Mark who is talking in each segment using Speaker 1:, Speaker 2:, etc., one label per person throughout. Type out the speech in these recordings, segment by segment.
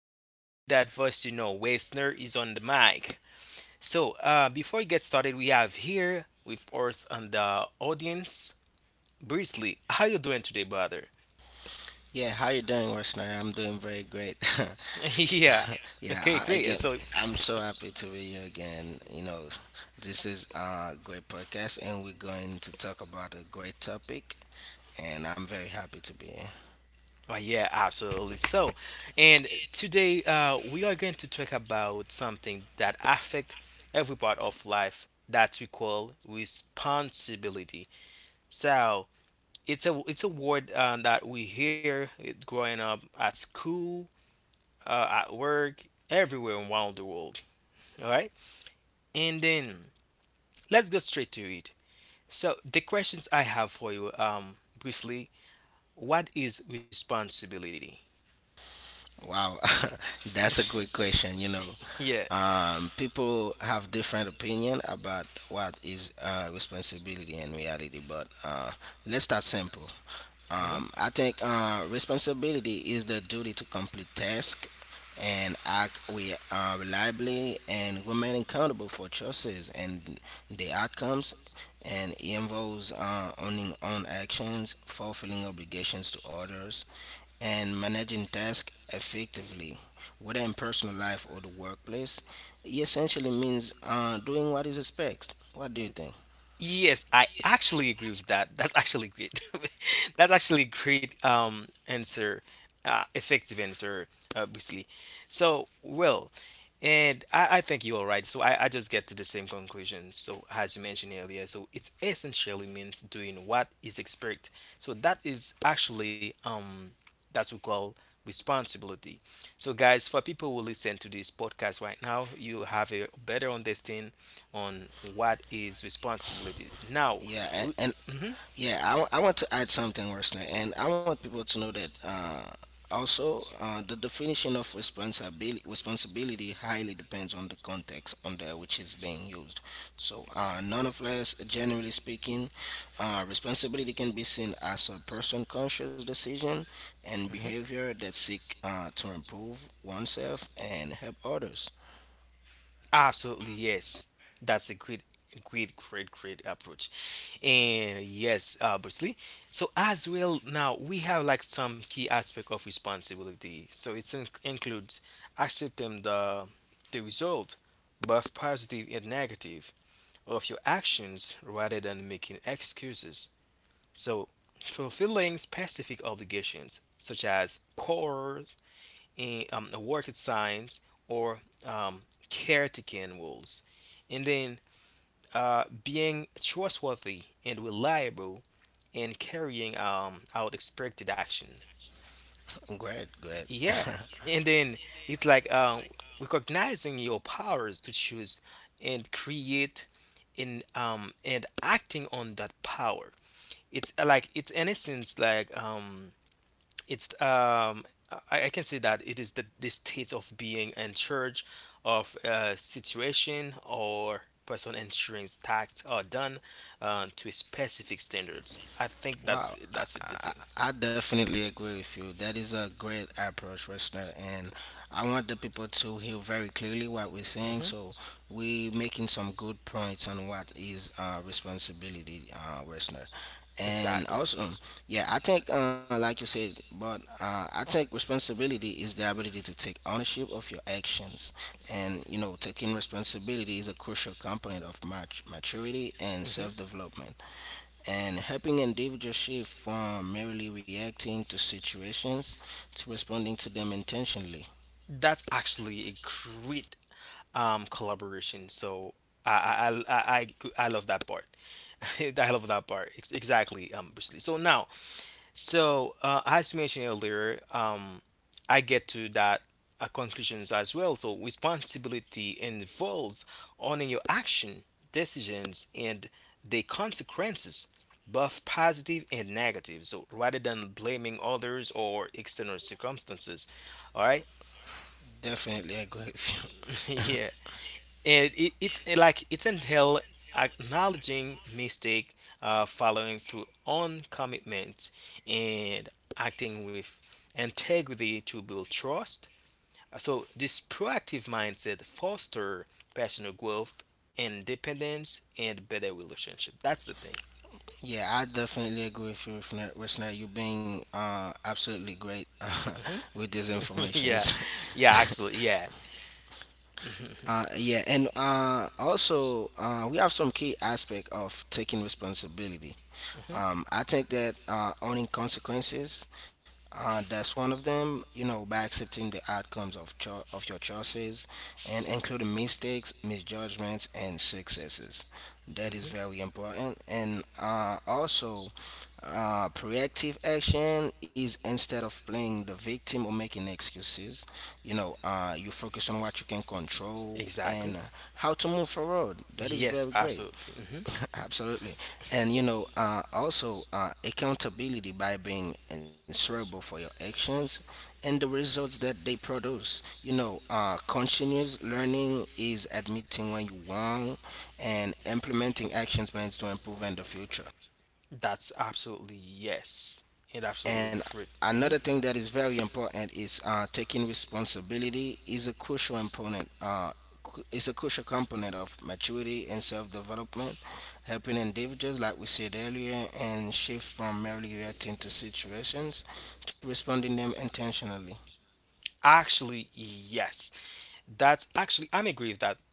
Speaker 1: whenever you hear that voice, you know Wesner is on the mic. So, before we get started, we have here with us on the audience, Brisley. How you doing today, brother?
Speaker 2: Yeah, how you doing, Westerner? I'm doing very great.
Speaker 1: yeah.
Speaker 2: yeah,
Speaker 1: Okay,
Speaker 2: I,
Speaker 1: great.
Speaker 2: again,
Speaker 1: So,
Speaker 2: I'm so happy to be here again. This is a great podcast, and we're going to talk about a great topic, and I'm very happy to be here.
Speaker 1: oh, yeah, absolutely. So, and today we are going to talk about something that affect every part of life that we call responsibility. So, it's a word that we hear it growing up at school, at work, everywhere around the world. All right, and then let's go straight to it. So the questions I have for you, Bruce Lee, what is responsibility?
Speaker 2: Wow, that's a great question.
Speaker 1: Yeah.
Speaker 2: People have different opinion about what is responsibility in reality, but let's start simple.
Speaker 1: hmm
Speaker 2: I think responsibility is the duty to complete task and act we reliably and remain accountable for choices and the outcomes, and it involves owning own actions, fulfilling obligations to others, and managing tasks effectively, whether in personal life or the workplace. It essentially means doing what is expected. What do you think?
Speaker 1: Yes, I actually agree with that. That's actually great. That's actually a great answer, effective answer, obviously. So, well, And I think you are right. So I just get to the same conclusion. So as you mentioned earlier, so it's essentially means doing what is expected. So that is actually that's we call responsibility. So guys, for people who listen to this podcast right now, you have a better understanding on what is responsibility. Now,
Speaker 2: Yeah,
Speaker 1: we,
Speaker 2: and
Speaker 1: mm-hmm, mm-hmm.
Speaker 2: I want to add something, Wesley, and I want people to know that also the definition of responsibility highly depends on the context under which it's being used. So, nonetheless, generally speaking, responsibility can be seen as a person-conscious decision and behavior that seek to improve oneself and help others.
Speaker 1: Absolutely, yes. That's a great, great, great, great approach. And yes, obviously. So as well, now we have like some key aspect of responsibility. So it includes accepting the result, both positive and negative, of your actions rather than making excuses. So fulfilling specific obligations such as chores, in the worket signs or um, caretaking roles, and then being trustworthy and reliable and carrying out expected action.
Speaker 2: Great, great.
Speaker 1: Yeah, and then it's like recognizing your powers to choose and create in and acting on that power. It's in essence it's um I can say that it is the state of being in charge of a situation or person ensuring tasks are done to specific standards. I think
Speaker 2: Wow,
Speaker 1: that's
Speaker 2: I,
Speaker 1: that's the
Speaker 2: I,
Speaker 1: thing.
Speaker 2: I definitely agree with you. That is a great approach, listener, and I want the people to hear very clearly what we're saying.
Speaker 1: Hmm
Speaker 2: So we making some good points on what is responsibility, listener, and
Speaker 1: Exactly.
Speaker 2: also, yeah, I think like you said, but I think responsibility is the ability to take ownership of your actions, and you know, taking responsibility is a crucial component of maturity and
Speaker 1: hmm
Speaker 2: self-development, and helping individuals shift from merely reacting to situations to responding to them intentionally.
Speaker 1: That's actually a great collaboration. So I I, I I I love that part. I love that part. Exactly, Bruce. So now, so as you mentioned earlier, I get to that conclusions as well. So responsibility involves owning your action, decisions, and the consequences, both positive and negative, so rather than blaming others or external circumstances. All right.
Speaker 2: Definitely agree with you.
Speaker 1: Yeah. And it's like it's entail acknowledging mistake, following through on commitment, and acting with integrity to build trust. So this proactive mindset foster personal growth, independence, and better relationship. That's the thing.
Speaker 2: Yeah, I definitely agree with you, Resna. You've been absolutely great
Speaker 1: Hmm
Speaker 2: with these
Speaker 1: yeah.
Speaker 2: informations.
Speaker 1: Yeah, actually, yeah. hmm
Speaker 2: Yeah, and also we have some key aspect of taking responsibility.
Speaker 1: hmm
Speaker 2: I think that owning consequences, that's one of them. You know, by accepting the outcomes of of your choices, and including mistakes, misjudgments, and successes. That is
Speaker 1: hmm
Speaker 2: very important. And also, proactive action is instead of playing the victim or making excuses. You know, you focus on what you can control and
Speaker 1: Exactly.
Speaker 2: how to move forward. That is very
Speaker 1: Yes,
Speaker 2: great.
Speaker 1: absolutely. Mm-hmm.
Speaker 2: Absolutely. And you know, also accountability by being answerable for your actions and the results that they produce. You know, continuous learning is admitting when you're wrong and implementing actions plans to improve in the future.
Speaker 1: That's absolutely yes. It
Speaker 2: And
Speaker 1: absolutely great.
Speaker 2: another
Speaker 1: Hmm
Speaker 2: thing that is very important is taking responsibility is a crucial component. Is a crucial component of maturity and self-development, helping individuals, like we said earlier, and shift from merely reacting to situations to responding them intentionally.
Speaker 1: Actually, yes. That's actually I'm agree with that.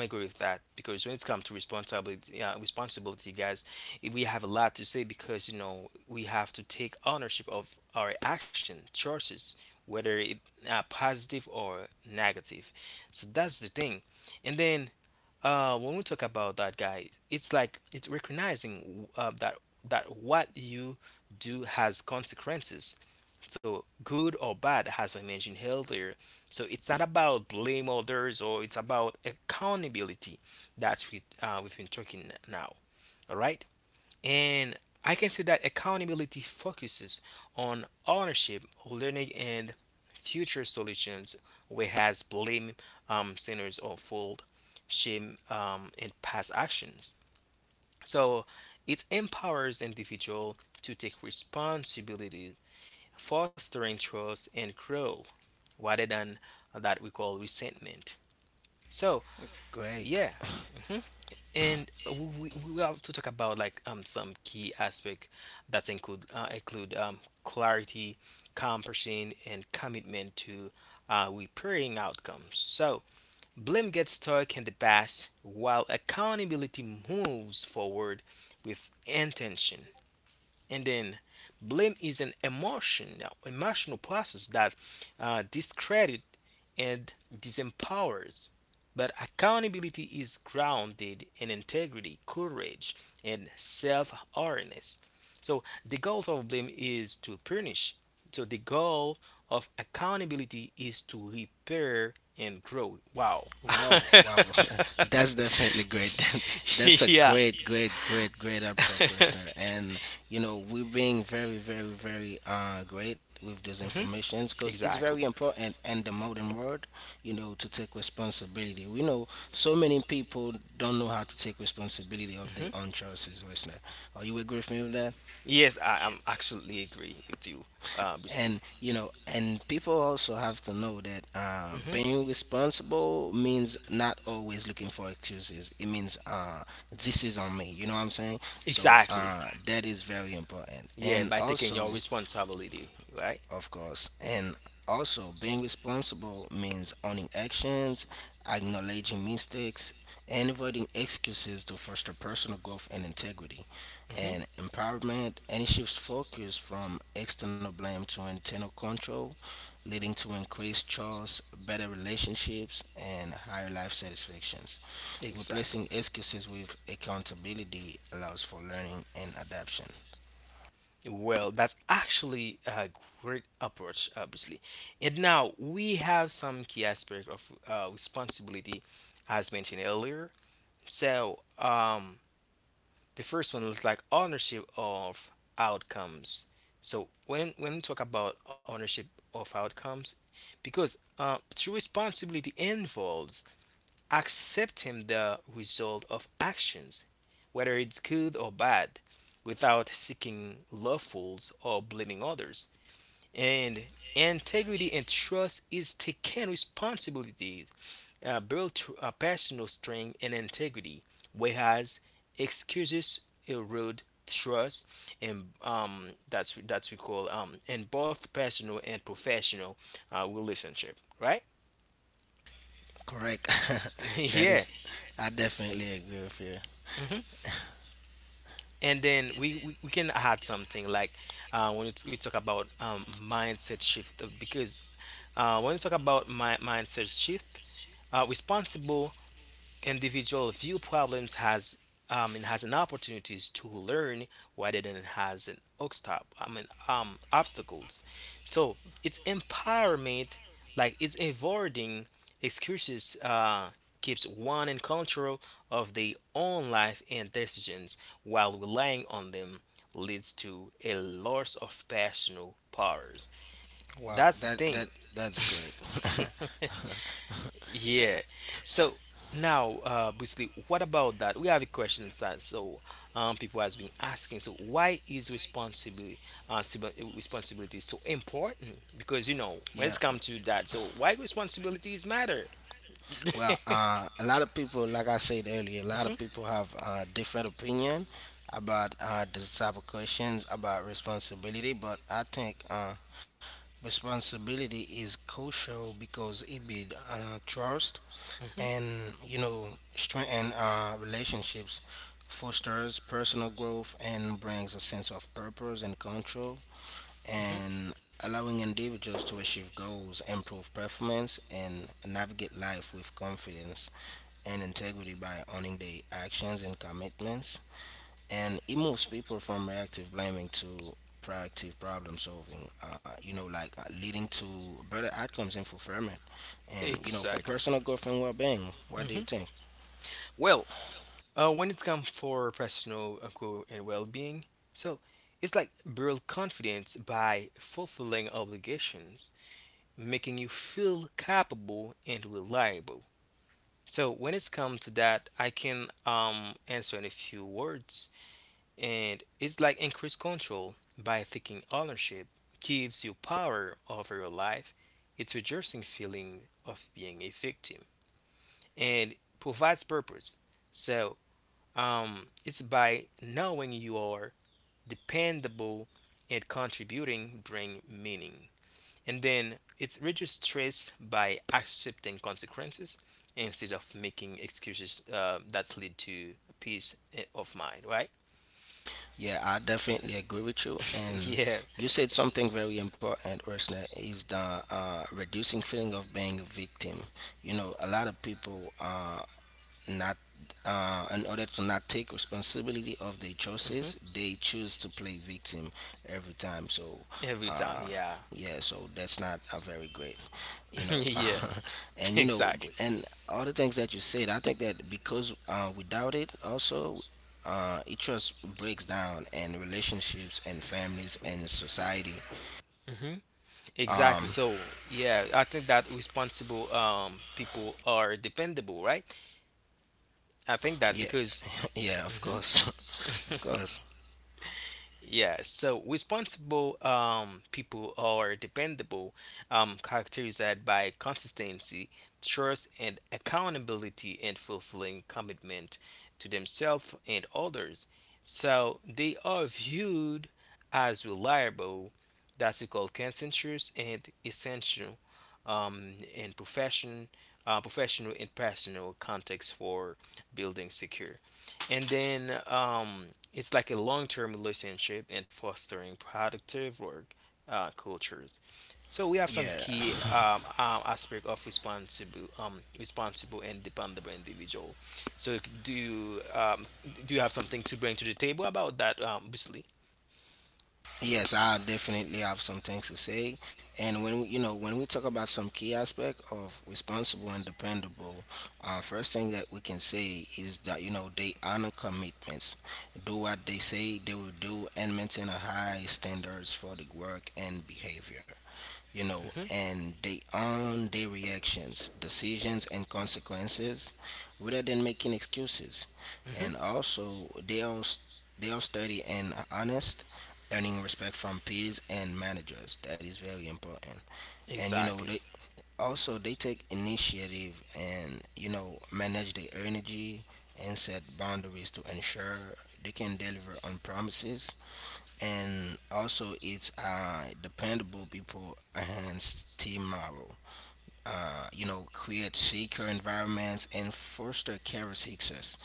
Speaker 1: I'm agree with that because when it's come to responsibility, responsibility, guys, if we have a lot to say, because you know we have to take ownership of our action choices, whether it positive or negative. So that's the thing. And then uh, when we talk about that guy, it's like it's recognizing that what you do has consequences, so good or bad, as I mentioned earlier. So it's not about blame others, or it's about accountability that we we've been talking now. All right. And I can say that accountability focuses on ownership, learning, and future solutions, whereas blame centers on fault, shame, and past actions. So it empowers individual to take responsibility, fostering trust and grow, rather than that we call resentment. So
Speaker 2: Great.
Speaker 1: yeah, mhm. And we have to talk about like some key aspect that include clarity, compassion, and commitment to repairing outcomes. So blame gets stuck in the past while accountability moves forward with intention. And then blame is an emotional process that discredit and disempowers. But accountability is grounded in integrity, courage, and self awareness. So the goal of blame is to punish. So the goal of accountability is to repair and grow. Wow.
Speaker 2: Wow, wow, wow. That's definitely great. That's a
Speaker 1: yeah.
Speaker 2: great, great, great, great approach, listener. And, you know, we're being very, very, very great with those
Speaker 1: Mhm.
Speaker 2: informations because it's very
Speaker 1: Exactly.
Speaker 2: important in the modern world, you know, to take responsibility. We know so many people don't know how to take responsibility of their
Speaker 1: Mhm.
Speaker 2: own choices, listener. Are you agree with me with that?
Speaker 1: Yes, I am absolutely agree with you, Bruce
Speaker 2: And
Speaker 1: Lee.
Speaker 2: you know, and people also have to know that
Speaker 1: Hmm
Speaker 2: being responsible means not always looking for excuses. It means this is on me, you know what I'm saying. So
Speaker 1: Exactly.
Speaker 2: that is very important.
Speaker 1: Yeah,
Speaker 2: And
Speaker 1: by taking your
Speaker 2: also,
Speaker 1: responsibility, right?
Speaker 2: of course. And also, being responsible means owning actions, acknowledging mistakes, and avoiding excuses to foster personal growth and integrity.
Speaker 1: hmm
Speaker 2: And empowerment, and it shifts focus from external blame to internal control, leading to increased choice, better relationships, and higher life satisfactions.
Speaker 1: Exactly.
Speaker 2: Replacing excuses with accountability allows for learning and adaption.
Speaker 1: Well, that's actually a great approach, obviously. And now we have some key aspect of responsibility, as mentioned earlier. So, the first one is like ownership of outcomes. So when we talk about ownership of outcomes, because true responsibility involves accepting the result of actions, whether it's good or bad, without seeking loopholes or blaming others. And integrity and trust is taking responsibility, personal strength and integrity, whereas excuses erode trust and that's we call in both personal and professional relationship, right?
Speaker 2: Correct. That
Speaker 1: yeah.
Speaker 2: is, I definitely agree with you.
Speaker 1: Mhm. And then we can add something like when we talk about mindset shift because when we talk about mindset shift, responsible individual view problems has and has an opportunities to learn rather than has an obstacles. So it's empowerment, like it's avoiding excuses, keeps one in control of their own life and decisions, while relying on them leads to a loss of personal powers.
Speaker 2: Wow,
Speaker 1: That's the
Speaker 2: that that
Speaker 1: thing.
Speaker 2: that's great.
Speaker 1: Yeah. So now, Bruce Lee, what about that? We have a question that so people has
Speaker 2: uh,
Speaker 1: been asking. So why is responsibility responsibility so important? Because you know when
Speaker 2: Yeah.
Speaker 1: it's come to that, so why responsibilities matter?
Speaker 2: Well, a lot of people, like I said earlier, a lot of
Speaker 1: Mhm,
Speaker 2: people have different opinion about this type of questions about responsibility. But I think responsibility is crucial because it builds trust,
Speaker 1: mhm,
Speaker 2: and you know, strengthen relationships, fosters personal growth, and brings a sense of purpose and control,
Speaker 1: mhm.
Speaker 2: and allowing individuals to achieve goals, improve performance, and navigate life with confidence and integrity by owning their actions and commitments. And it moves people from reactive blaming to proactive problem solving, you know, like leading to better outcomes and fulfillment, and, you know, for
Speaker 1: Exactly.
Speaker 2: personal growth and well being. What do you
Speaker 1: Mhm.
Speaker 2: think?
Speaker 1: Well, uh, when it comes for personal growth and well-being, so it's like build confidence by fulfilling obligations, making you feel capable and reliable. So when it's come to that, I can answer in a few words, and it's like increase control by taking ownership gives you power over your life. It's reducing feeling of being a victim and provides purpose. So it's by knowing you are dependable and contributing bring meaning. And then it reduces stress by accepting consequences instead of making excuses that lead to peace of mind, right?
Speaker 2: Yeah, I definitely agree with you. And
Speaker 1: yeah.
Speaker 2: you said something very important, Ursula, is the reducing feeling of being a victim. You know, a lot of people not in order to not take responsibility of their
Speaker 1: hmm
Speaker 2: choices, they choose to play victim every time. So,
Speaker 1: Every time,
Speaker 2: uh,
Speaker 1: yeah.
Speaker 2: yeah, so that's not a very great, you know.
Speaker 1: yeah,
Speaker 2: And you know,
Speaker 1: exactly.
Speaker 2: and all the things that you said, I think that because without it, also. It just breaks down and relationships and families and society.
Speaker 1: Mhm.
Speaker 2: Um,
Speaker 1: Exactly. So, yeah, I think that responsible people are dependable, right? I think that
Speaker 2: yeah,
Speaker 1: because
Speaker 2: yeah, of
Speaker 1: Mhm.
Speaker 2: course, of course.
Speaker 1: yeah, so responsible people are dependable, characterized by consistency, trust, and accountability, and fulfilling commitment to themselves and others. So they are viewed as reliable, that's called consensus and essential in professional and personal context for building secure. And then it's like a long-term relationship and fostering productive work cultures. So we have some key
Speaker 2: Yeah,
Speaker 1: aspect of responsible and dependable individual. So do you have something to bring to the table about that, Wesley?
Speaker 2: yes, I definitely have some things to say. And when we, you know, when we talk about some key aspect of responsible and dependable, first thing that we can say is that you know they honor commitments, do what they say they will do, and maintain a high standards for the work and behavior. You know,
Speaker 1: Hmm
Speaker 2: and they own their reactions, decisions, and consequences, rather than making excuses. And
Speaker 1: hmm
Speaker 2: also, they are steady and honest, earning respect from peers and managers. That is very important. And you know, they
Speaker 1: Exactly.
Speaker 2: also they take initiative, and you know, manage their energy and set boundaries to ensure they can deliver on promises. And also, it's dependable people enhance team morale, you know, create secure environments and foster career success.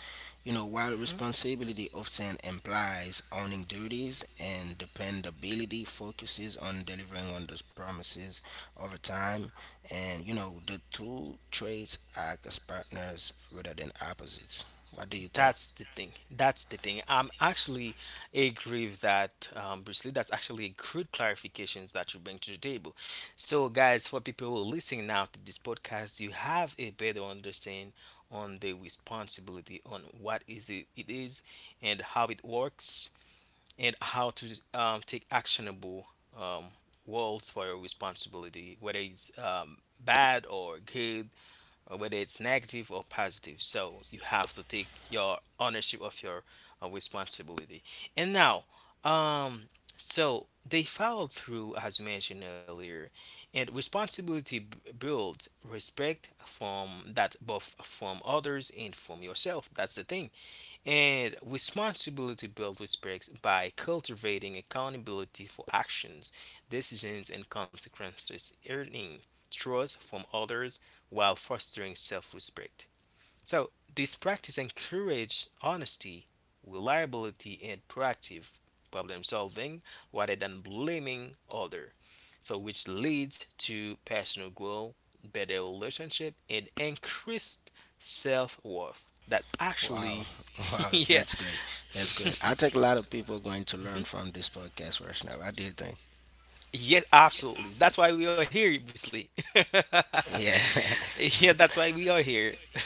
Speaker 2: You know, while
Speaker 1: hmm
Speaker 2: responsibility often implies owning duties and dependability focuses on delivering on those promises over time, and you know, the two traits act as partners rather than opposites. What do you think?
Speaker 1: That's the thing. That's the thing. I'm actually agree with that, Bruce Lee. That's actually a good clarifications that you bring to the table. So, guys, for people who are listening now to this podcast, you have a better understanding on the responsibility on what is it is and how it works and how to take actionable um, roles for your responsibility, whether it's bad or good, or whether it's negative or positive. So you have to take your ownership of your responsibility. And now, um, so they follow through, as mentioned earlier, and responsibility builds respect from that, both from others and from yourself. That's the thing. And responsibility builds respect by cultivating accountability for actions, decisions, and consequences, earning trust from others while fostering self respect. So this practice encourages honesty, reliability, and proactive problem solving rather than blaming others. So which leads to personal growth, better relationship, and increased self-worth. That
Speaker 2: Wow,
Speaker 1: actually,
Speaker 2: wow,
Speaker 1: yeah.
Speaker 2: that's great. That's great. I think a lot of people are going to learn
Speaker 1: Mhm.
Speaker 2: from this podcast right now. What do you think?
Speaker 1: Yes, absolutely. That's why we are here, obviously.
Speaker 2: Yeah,
Speaker 1: yeah, that's why we are here.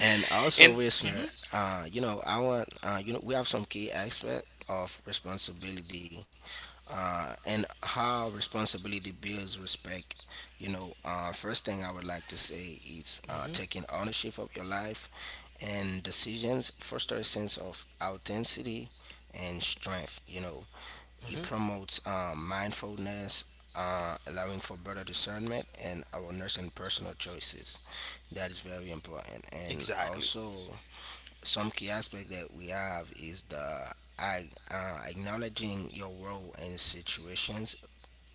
Speaker 2: and
Speaker 1: and
Speaker 2: also,
Speaker 1: Mhm,
Speaker 2: listener, you know, I want, you know, we have some key aspect of responsibility, and how responsibility builds respect. You know, first thing I would like to say is
Speaker 1: mhm,
Speaker 2: taking ownership of your life and decisions foster a sense of authenticity and strength. You know,
Speaker 1: mhm,
Speaker 2: it promotes mindfulness, allowing for better discernment and awareness and personal choices. That is very important. And
Speaker 1: exactly.
Speaker 2: also, some key aspect that we have is acknowledging your role in situations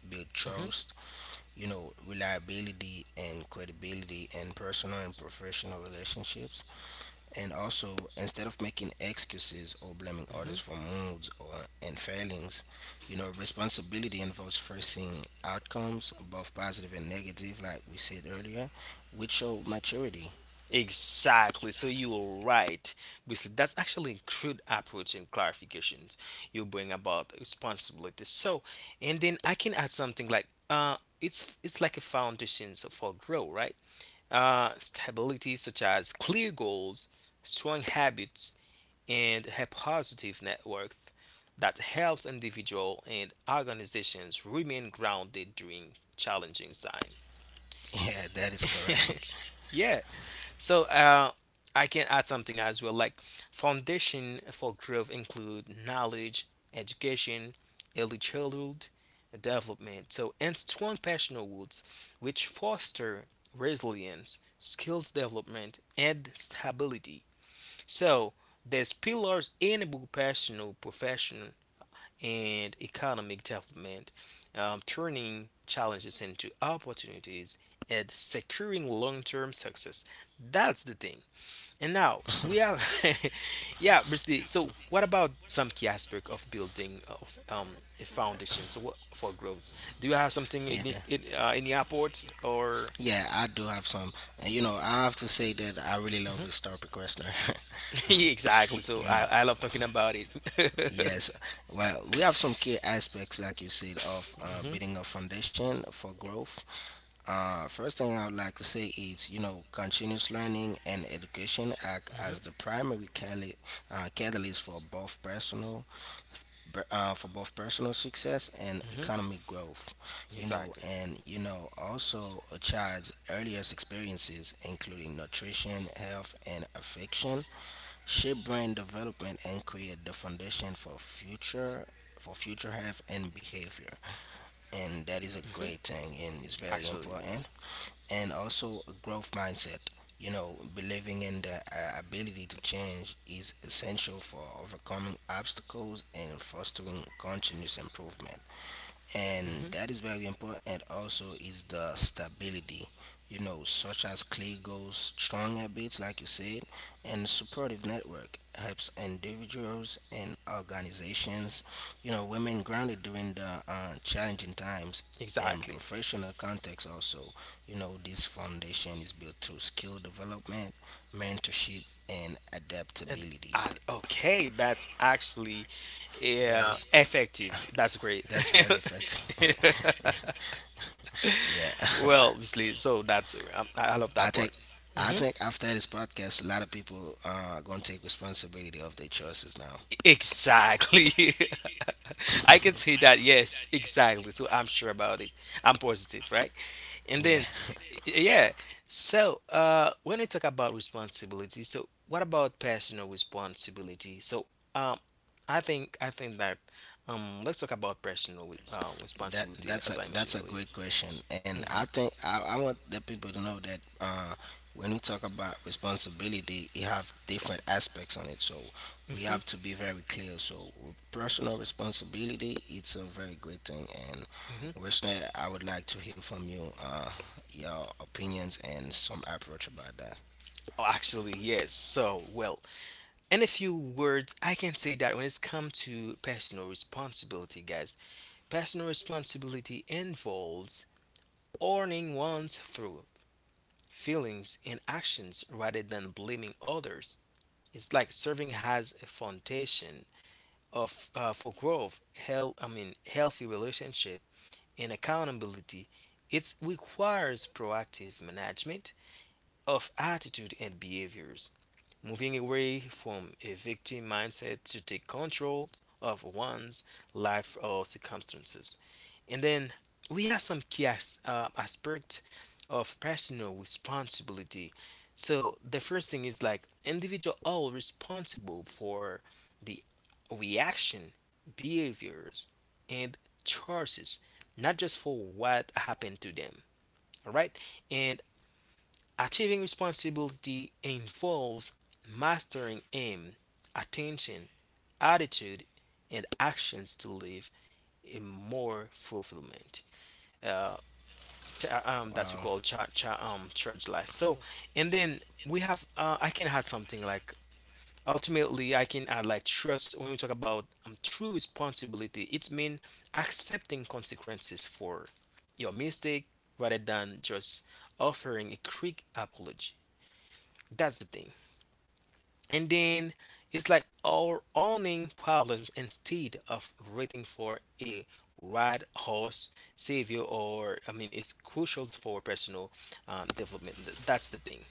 Speaker 2: build
Speaker 1: hmm
Speaker 2: trust, you know, reliability and credibility in personal and professional relationships. And also, instead of making excuses or blaming
Speaker 1: hmm
Speaker 2: others for moods or and failings, you know, responsibility involves facing outcomes, both positive and negative, like we said earlier, which show maturity.
Speaker 1: Exactly. So you are right. Basically, that's actually a crude approach and clarifications you bring about responsibility. So, and then I can add something like, it's like a foundation so for growth, right? Stability such as clear goals, strong habits, and a positive network that helps individual and organizations remain grounded during challenging time.
Speaker 2: Yeah, that is correct.
Speaker 1: yeah, so I can add something as well. Like foundation for growth include knowledge, education, early childhood development. So and strong personal roots, which foster resilience, skills development, and stability. So these pillars enable personal, professional, and economic development, turning challenges into opportunities and securing long-term success. That's the thing. And now we have, yeah, Bruce. So what about some key aspect of building of a foundation? So what for growth? Do you have something
Speaker 2: Yeah.
Speaker 1: in the airport or?
Speaker 2: Yeah, I do have some. And, you know, I have to say that I really love
Speaker 1: Mhm.
Speaker 2: this topic, Westner.
Speaker 1: Yeah, exactly. So
Speaker 2: You know,
Speaker 1: I love talking about it.
Speaker 2: yes. Well, we have some key aspects, like you said, of
Speaker 1: hmm
Speaker 2: building a foundation for growth. First thing I would like to say is, you know, continuous learning and education act
Speaker 1: hmm
Speaker 2: as the primary catalyst for both personal for both personal success and
Speaker 1: hmm
Speaker 2: economic growth, you know,
Speaker 1: Exactly.
Speaker 2: and you know, also a child's earliest experiences, including nutrition, health, and affection, shape brain development and create the foundation for future health and behavior. And that is a
Speaker 1: hmm
Speaker 2: great thing, and it's very
Speaker 1: Actually.
Speaker 2: important. And also a growth mindset. You know, believing in the ability to change is essential for overcoming obstacles and fostering continuous improvement. And
Speaker 1: hmm
Speaker 2: that is very important. And also is the stability, you know, such as clear goals, strong habits, like you said, and supportive network helps individuals and organizations, you know, women grounded during the challenging times and
Speaker 1: Exactly.
Speaker 2: professional context. Also, you know, this foundation is built through skill development, mentorship, and
Speaker 1: And
Speaker 2: adaptability.
Speaker 1: okay, that's actually
Speaker 2: That is
Speaker 1: effective. That's great.
Speaker 2: that's very effective. yeah
Speaker 1: Well, obviously, so that's, I love
Speaker 2: I
Speaker 1: that
Speaker 2: think,
Speaker 1: part.
Speaker 2: I
Speaker 1: hmm
Speaker 2: think after this podcast, a lot of people are gonna take responsibility of their choices now.
Speaker 1: Exactly. I can say that. Yes, exactly. So I'm sure about it. I'm positive, right? And
Speaker 2: Yeah,
Speaker 1: then yeah, so when we talk about responsibility, so what about personal responsibility? So um I think that let's talk about personal
Speaker 2: that
Speaker 1: responsibility
Speaker 2: that's
Speaker 1: as
Speaker 2: a
Speaker 1: I mentioned
Speaker 2: that's a
Speaker 1: earlier.
Speaker 2: great question,
Speaker 1: hmm
Speaker 2: and I think I want the people to know that when we talk about responsibility, you have different aspects on it. So we have to be very clear. So personal responsibility, it's a very great thing, and
Speaker 1: hmm
Speaker 2: Wesley, I would like to hear from you, your opinions and some approach about that.
Speaker 1: Oh, actually, yes. So, well, in a few words, I can say that when it's come to personal responsibility, guys, personal responsibility involves owning one's through feelings, and actions rather than blaming others. It's like serving has a foundation of for growth, health, I mean healthy relationship and accountability. It requires proactive management of attitude and behaviors, moving away from a victim mindset to take control of one's life or circumstances. And then we have some key aspect of personal responsibility. So the first thing is like individual all responsible for the reaction, behaviors, and choices, not just for what happened to them. All right, and achieving responsibility involves mastering aim, attention, attitude, and actions to live in more fulfillment. Uh, that's we
Speaker 2: Wow.
Speaker 1: call cha cha church life. So and then we have I can add something like ultimately I can add like trust. When we talk about true responsibility, it means accepting consequences for your mistake rather than just offering a quick apology. That's the thing. And then it's like our owning problems instead of waiting for a right horse savior, or I mean it's crucial for personal development. That's the thing.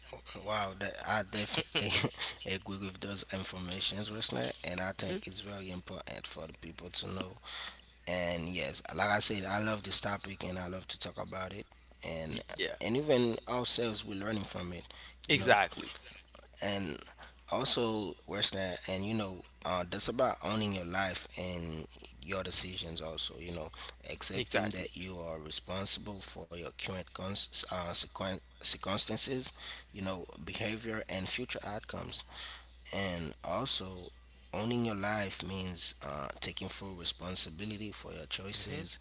Speaker 2: Wow, that I definitely agree with those informations, Rosner, and I
Speaker 1: hmm
Speaker 2: think it's very important for the people to know. And yes, like I said, I love this topic and I love to talk about it, and
Speaker 1: yeah,
Speaker 2: and even ourselves we're learning from it, you know.
Speaker 1: exactly,
Speaker 2: And also worse than that, and you know that's about owning your life and your decisions also, accepting
Speaker 1: exactly.
Speaker 2: that you are responsible for your current circumstances, behavior, and future outcomes. And also, owning your life means taking full responsibility for your
Speaker 1: hmm
Speaker 2: choices,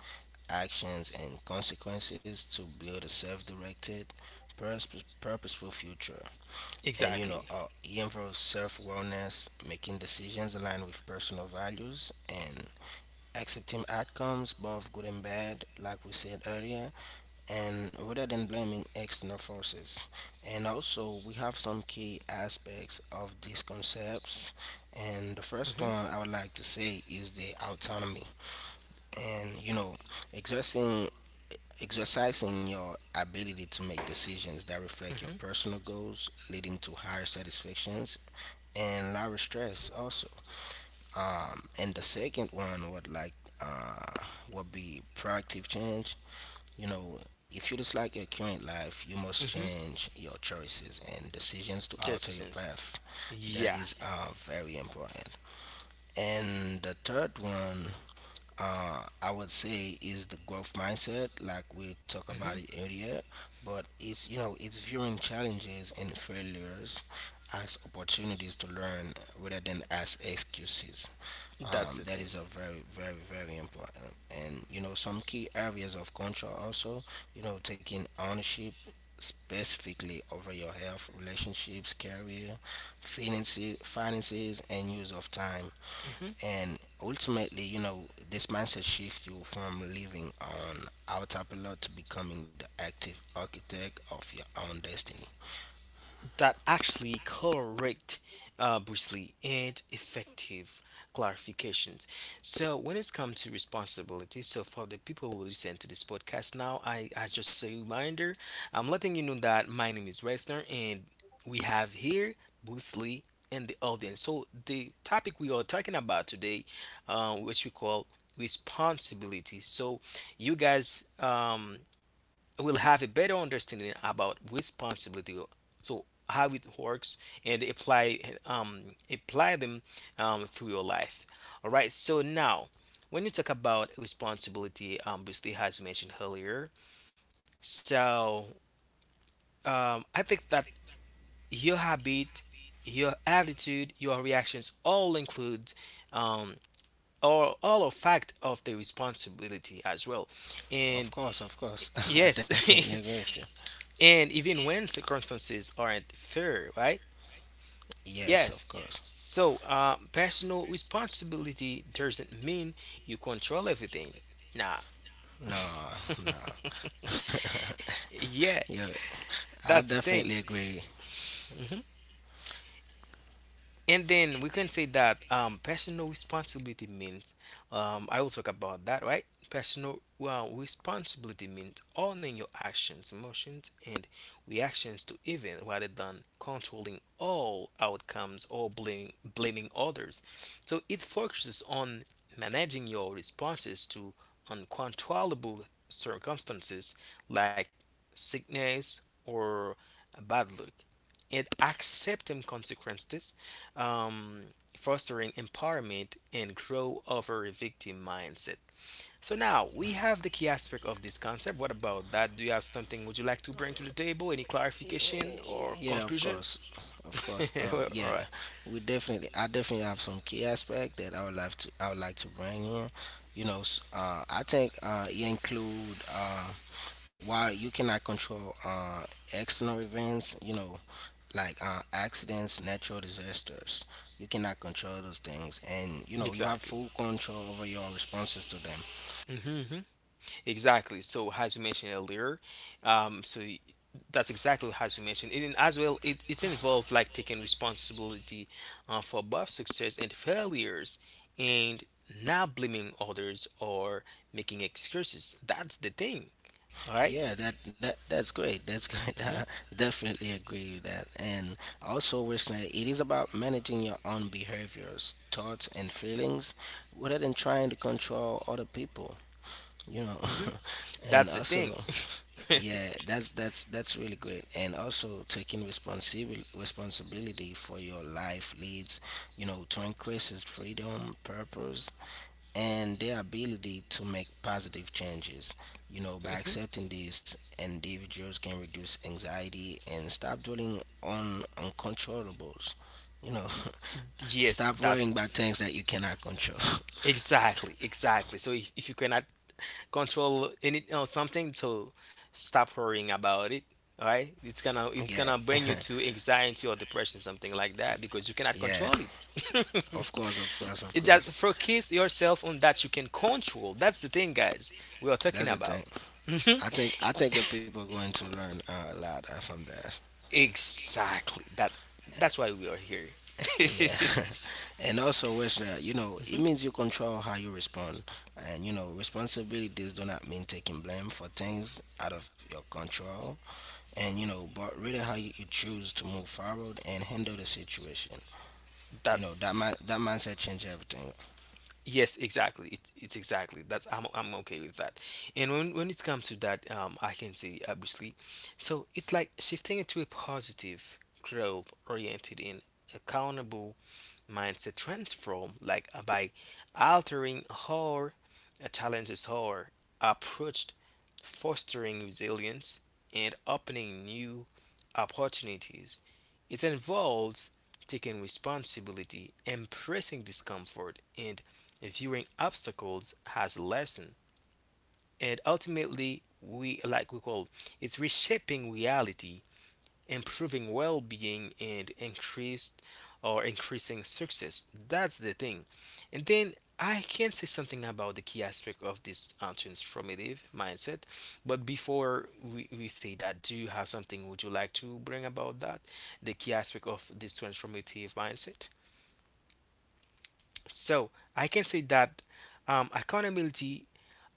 Speaker 2: actions, and consequences to build a self-directed, purposeful future. And you
Speaker 1: exactly.
Speaker 2: know Aim for self awareness, making decisions aligned with personal values and accepting outcomes both good and bad, like we said earlier, and rather than blaming external forces. And also, we have some key aspects of these concepts, and the first one I would like to say is the autonomy. And you know exercising exercising your ability to make decisions that reflect
Speaker 1: hmm
Speaker 2: your personal goals, leading to higher satisfaction and lower stress also. And the second one would uh, would be proactive change. You know, if you dislike your current life, you must
Speaker 1: hmm
Speaker 2: change your choices and decisions to alter your
Speaker 1: Decisions.
Speaker 2: path.
Speaker 1: Yeah.
Speaker 2: That is very important. And the third one, I would say, is the growth mindset, like we talked about
Speaker 1: hmm
Speaker 2: it earlier. But it's you know it's viewing challenges and failures as opportunities to learn rather than as excuses.
Speaker 1: That's the
Speaker 2: That
Speaker 1: thing.
Speaker 2: is a very very very important, and you know, some key areas of control also, taking ownership specifically over your health, relationships, career, finances, and use of time. And ultimately, you know, this mindset shift you from living on autopilot to becoming the active architect of your own destiny.
Speaker 1: That actually correct, briefly and effective clarifications. So when it's come to responsibility, so for the people who listen to this podcast now, I just a reminder, I'm letting you know that my name is Reisner, and we have here Boosley and the audience. So the topic we are talking about today, which we call responsibility. So you guys will have a better understanding about responsibility, so how it works and apply um apply them through your life. All right, so now when you talk about responsibility, obviously, as you mentioned earlier, so I think that your habit, your attitude, your reactions all include um all a fact of the responsibility as well.
Speaker 2: Of
Speaker 1: And
Speaker 2: course, of course. I definitely
Speaker 1: yes.
Speaker 2: agree with you.
Speaker 1: And even when circumstances aren't fair, right?
Speaker 2: Yes, of
Speaker 1: Yes.
Speaker 2: course.
Speaker 1: So, personal responsibility doesn't mean you control everything. Nah.
Speaker 2: No, no.
Speaker 1: Yeah,
Speaker 2: Yeah, I
Speaker 1: that's the thing.
Speaker 2: definitely agree.
Speaker 1: Mm-hmm. And then we can say that personal responsibility means, I will talk about that, right? Personal well responsibility means owning your actions, emotions, and reactions to events rather than controlling all outcomes or blaming others. So it focuses on managing your responses to uncontrollable circumstances like sickness or bad luck and accepting consequences, um, fostering empowerment and grow over a victim mindset. So now we have the key aspect of this concept. What about that? Do you have something would you like to bring to the table? Any clarification or
Speaker 2: Yeah, of
Speaker 1: conclusion?
Speaker 2: course, of course.
Speaker 1: All
Speaker 2: Yeah,
Speaker 1: right,
Speaker 2: we definitely. I definitely have some key aspect that I would like to. I would like to bring in. I think it include while you cannot control external events. You know, like accidents, natural disasters. You cannot control those things, and you know, you have
Speaker 1: exactly.
Speaker 2: full control over your responses to them.
Speaker 1: Mhm, exactly. So, as you mentioned earlier, um, so y- that's exactly as you mentioned. And as well, it involves like taking responsibility for both success and failures, and not blaming others or making excuses. That's the thing. All right.
Speaker 2: Yeah, that that's great. That's great.
Speaker 1: Mm-hmm.
Speaker 2: I definitely agree with that. And also, listener, it is about managing your own behaviors, thoughts, and feelings rather than trying to control other people you know
Speaker 1: Mm-hmm.
Speaker 2: and
Speaker 1: That's the thing.
Speaker 2: also, yeah, that's that's really great. And also, taking responsibility for your life leads, you know, to increases freedom, purpose, and their ability to make positive changes. You know, by
Speaker 1: hmm
Speaker 2: accepting this, individuals can reduce anxiety and stop dwelling on uncontrollables, you know
Speaker 1: Yes,
Speaker 2: stop
Speaker 1: that
Speaker 2: worrying about things that you cannot control.
Speaker 1: exactly, exactly. So if you cannot control any or something to stop worrying about it, all right, it's gonna it's
Speaker 2: Yeah.
Speaker 1: gonna bring you to anxiety or depression, something like that, because you cannot
Speaker 2: Yeah.
Speaker 1: control it.
Speaker 2: Of course, of course, of
Speaker 1: It just
Speaker 2: course.
Speaker 1: focus yourself on that you can control. That's the thing, guys, we are talking
Speaker 2: That's the
Speaker 1: about.
Speaker 2: thing.
Speaker 1: Mhm.
Speaker 2: I think the people are going to learn a lot from that.
Speaker 1: Exactly, that's why we are here.
Speaker 2: Yeah, and also, Wesley, you know, it means you control how you respond, and you know, responsibilities do not mean taking blame for things out of your control, and you know, but really how you choose to move forward and handle the situation. You
Speaker 1: that
Speaker 2: know, that mindset changes everything.
Speaker 1: Yes, exactly. It's exactly that's I'm okay with that. And when it's come to that, I can say obviously, so it's like shifting into a positive, growth-oriented, and accountable mindset transform, like by altering how challenges how approached, fostering resilience, and opening new opportunities. It involves taking responsibility, embracing discomfort, and viewing obstacles as a lesson. And ultimately, we like we call it's reshaping reality, improving well-being and increased or increasing success. That's the thing. And then I can say something about the key aspect of this transformative mindset. But before we say that, do you have something would you like to bring about that? The key aspect of this transformative mindset? So I can say that accountability,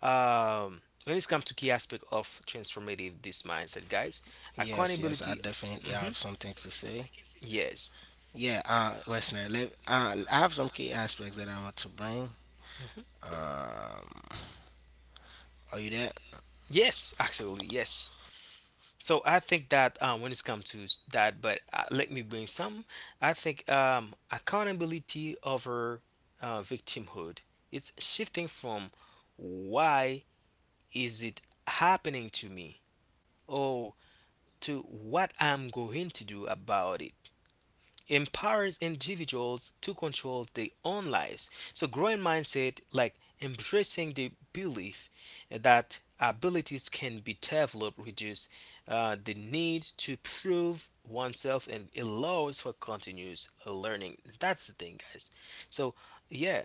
Speaker 1: when it's come to key aspect of transformative this mindset, guys,
Speaker 2: Yes, yes, I
Speaker 1: accountability.
Speaker 2: definitely have
Speaker 1: hmm
Speaker 2: some things to say.
Speaker 1: yes.
Speaker 2: Yeah, Westerner, I have some key aspects that I want to bring.
Speaker 1: hmm
Speaker 2: Um, are you there?
Speaker 1: yes, actually yes. So I think that when it's come to that, but let me bring some. I think accountability over victimhood, it's shifting from why is it happening to me, oh, to what I'm going to do about it, empowers individuals to control their own lives. So growing mindset, like embracing the belief that abilities can be developed, reduce the need to prove oneself and allows for continuous learning. That's the thing, guys. So, yeah.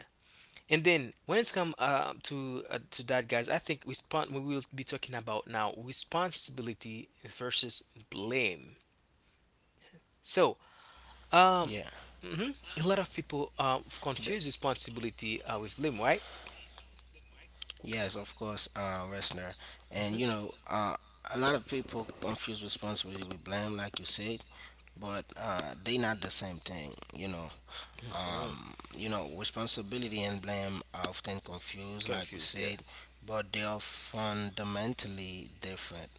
Speaker 1: And then when it's come to that, guys, I think we will be talking about now responsibility versus blame. So, um,
Speaker 2: Yeah.
Speaker 1: hmm a lot of people
Speaker 2: Th-
Speaker 1: confuse responsibility with blame, right?
Speaker 2: yes, of course, Westerner. And
Speaker 1: Mm-hmm.
Speaker 2: you know, uh, a lot of people confuse responsibility with blame, like you said, but they not the same thing.
Speaker 1: hmm mm
Speaker 2: Responsibility and blame are often confused, like we
Speaker 1: Confuse, yeah.
Speaker 2: said, but they are fundamentally different.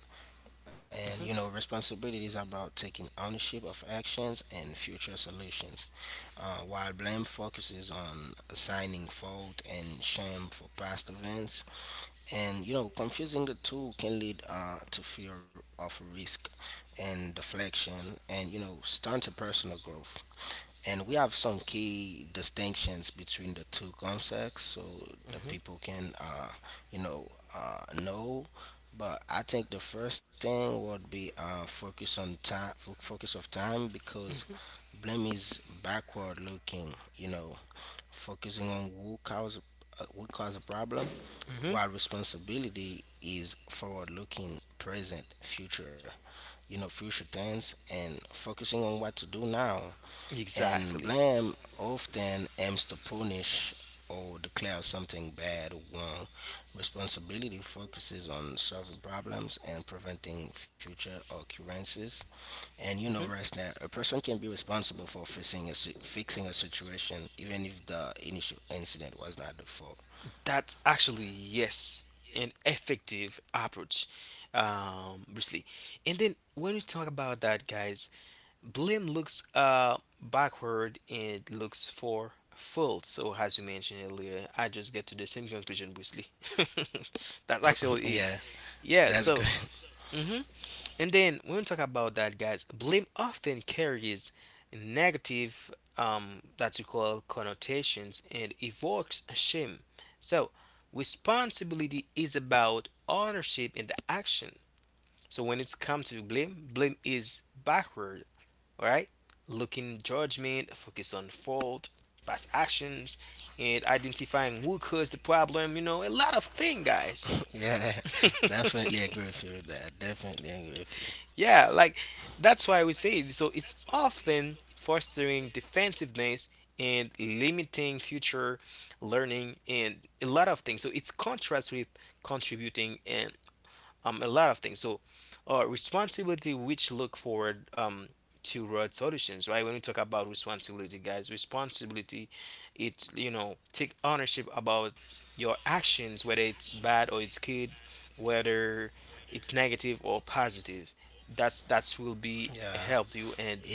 Speaker 2: And you know,
Speaker 1: hmm
Speaker 2: responsibility is about taking ownership of actions and future solutions, while blame focuses on assigning fault and shame for past events. And you know, confusing the two can lead to fear of risk and deflection, and you know, stunt a personal growth. And we have some key distinctions between the two concepts so the
Speaker 1: hmm
Speaker 2: people can, you know know. But I think the first thing would be focus on time, focus of time, because
Speaker 1: hmm
Speaker 2: blame is backward looking, you know, focusing on who caused a problem,
Speaker 1: hmm
Speaker 2: while responsibility is forward looking, present future, you know, future tense, and focusing on what to do now. And
Speaker 1: Exactly.
Speaker 2: blame often aims to punish or declare something bad or wrong. Responsibility focuses on solving problems and preventing future occurrences. And you know,
Speaker 1: hmm
Speaker 2: right now, a person can be responsible for fixing a situation even if the initial incident was not the fault.
Speaker 1: That's actually yes, an effective approach, Bruce Lee. And then when we talk about that, guys, blame looks backward and looks for fault. So as you mentioned earlier, I just get to the same conclusion, Bruce Lee. That actually is
Speaker 2: Yeah,
Speaker 1: yeah.
Speaker 2: that's
Speaker 1: So
Speaker 2: good.
Speaker 1: mhm. And then when we talk about that, guys, blame often carries negative, that we call connotations, and evokes shame. So responsibility is about ownership and the action. So when it's come to blame, blame is backward, all right? Looking judgment, focus on fault, past actions, and identifying who caused the problem. You know, a lot of things, guys.
Speaker 2: Yeah, definitely agree with you with that. Definitely agree with you.
Speaker 1: Yeah, like that's why we say it. So it's often fostering defensiveness and limiting future learning and a lot of things. So it's contrast with contributing and a lot of things. So, responsibility, which look forward to road solutions, right? When we talk about responsibility, guys, responsibility, it's you know take ownership about your actions, whether it's bad or it's good, whether it's negative or positive. That's will be
Speaker 2: Yeah.
Speaker 1: help you and
Speaker 2: It's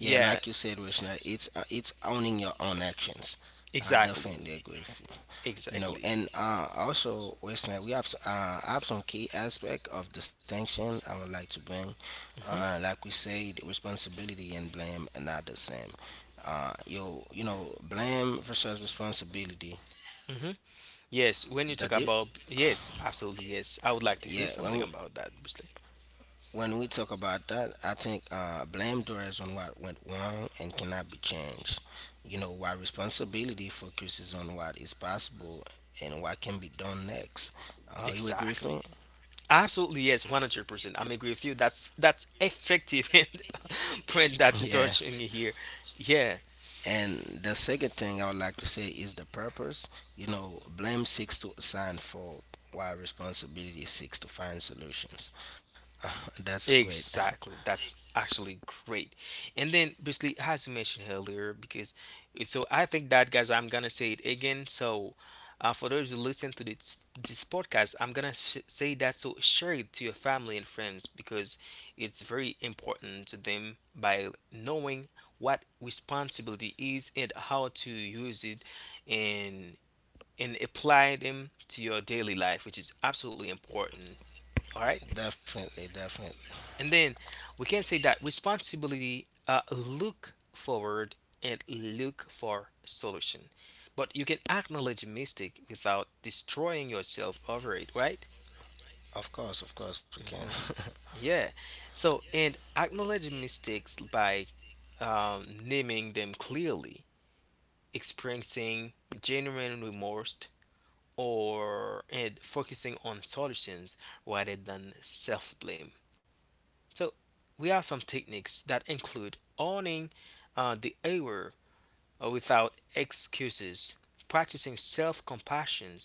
Speaker 2: yeah, like you said, Rishna, it's owning your own actions. I
Speaker 1: exactly,
Speaker 2: definitely agree with you. You know,
Speaker 1: exactly.
Speaker 2: and also, Rishna, I have some key aspect of distinction I would like to bring. Like we said, responsibility and blame are not the same. You know, blame versus responsibility.
Speaker 1: hmm Yes, when you
Speaker 2: The
Speaker 1: talk
Speaker 2: di-
Speaker 1: about yes, absolutely yes. I would like to hear
Speaker 2: yeah,
Speaker 1: something about that, Brusley.
Speaker 2: When we talk about that, I think blame dwells on what went wrong and cannot be changed. You know, while responsibility focuses on what is possible and what can be done next. You agree with
Speaker 1: Exactly.
Speaker 2: me?
Speaker 1: Absolutely yes, 100%. I'm agree with you. That's effective and point that you're
Speaker 2: Yeah.
Speaker 1: touching here. Yeah.
Speaker 2: And the second thing I would like to say is the purpose. You know, blame seeks to assign fault, while responsibility seeks to find solutions. That's great.
Speaker 1: Exactly. That's actually great. And then basically as you mentioned earlier, because so I think that guys I'm gonna say it again. So for those who listen to this podcast, I'm gonna say that so share it to your family and friends because it's very important to them by knowing what responsibility is and how to use it and and apply them to your daily life, which is absolutely important. All right.
Speaker 2: Definitely, definitely.
Speaker 1: And then we can say that responsibility look forward and look for solution. But you can acknowledge a mistake without destroying yourself over it, right?
Speaker 2: Of course, we can.
Speaker 1: Yeah. So and acknowledge mistakes by naming them clearly, experiencing genuine remorse, or and focusing on solutions rather than self blame. So we have some techniques that include owning the error without excuses, practicing self-compassion,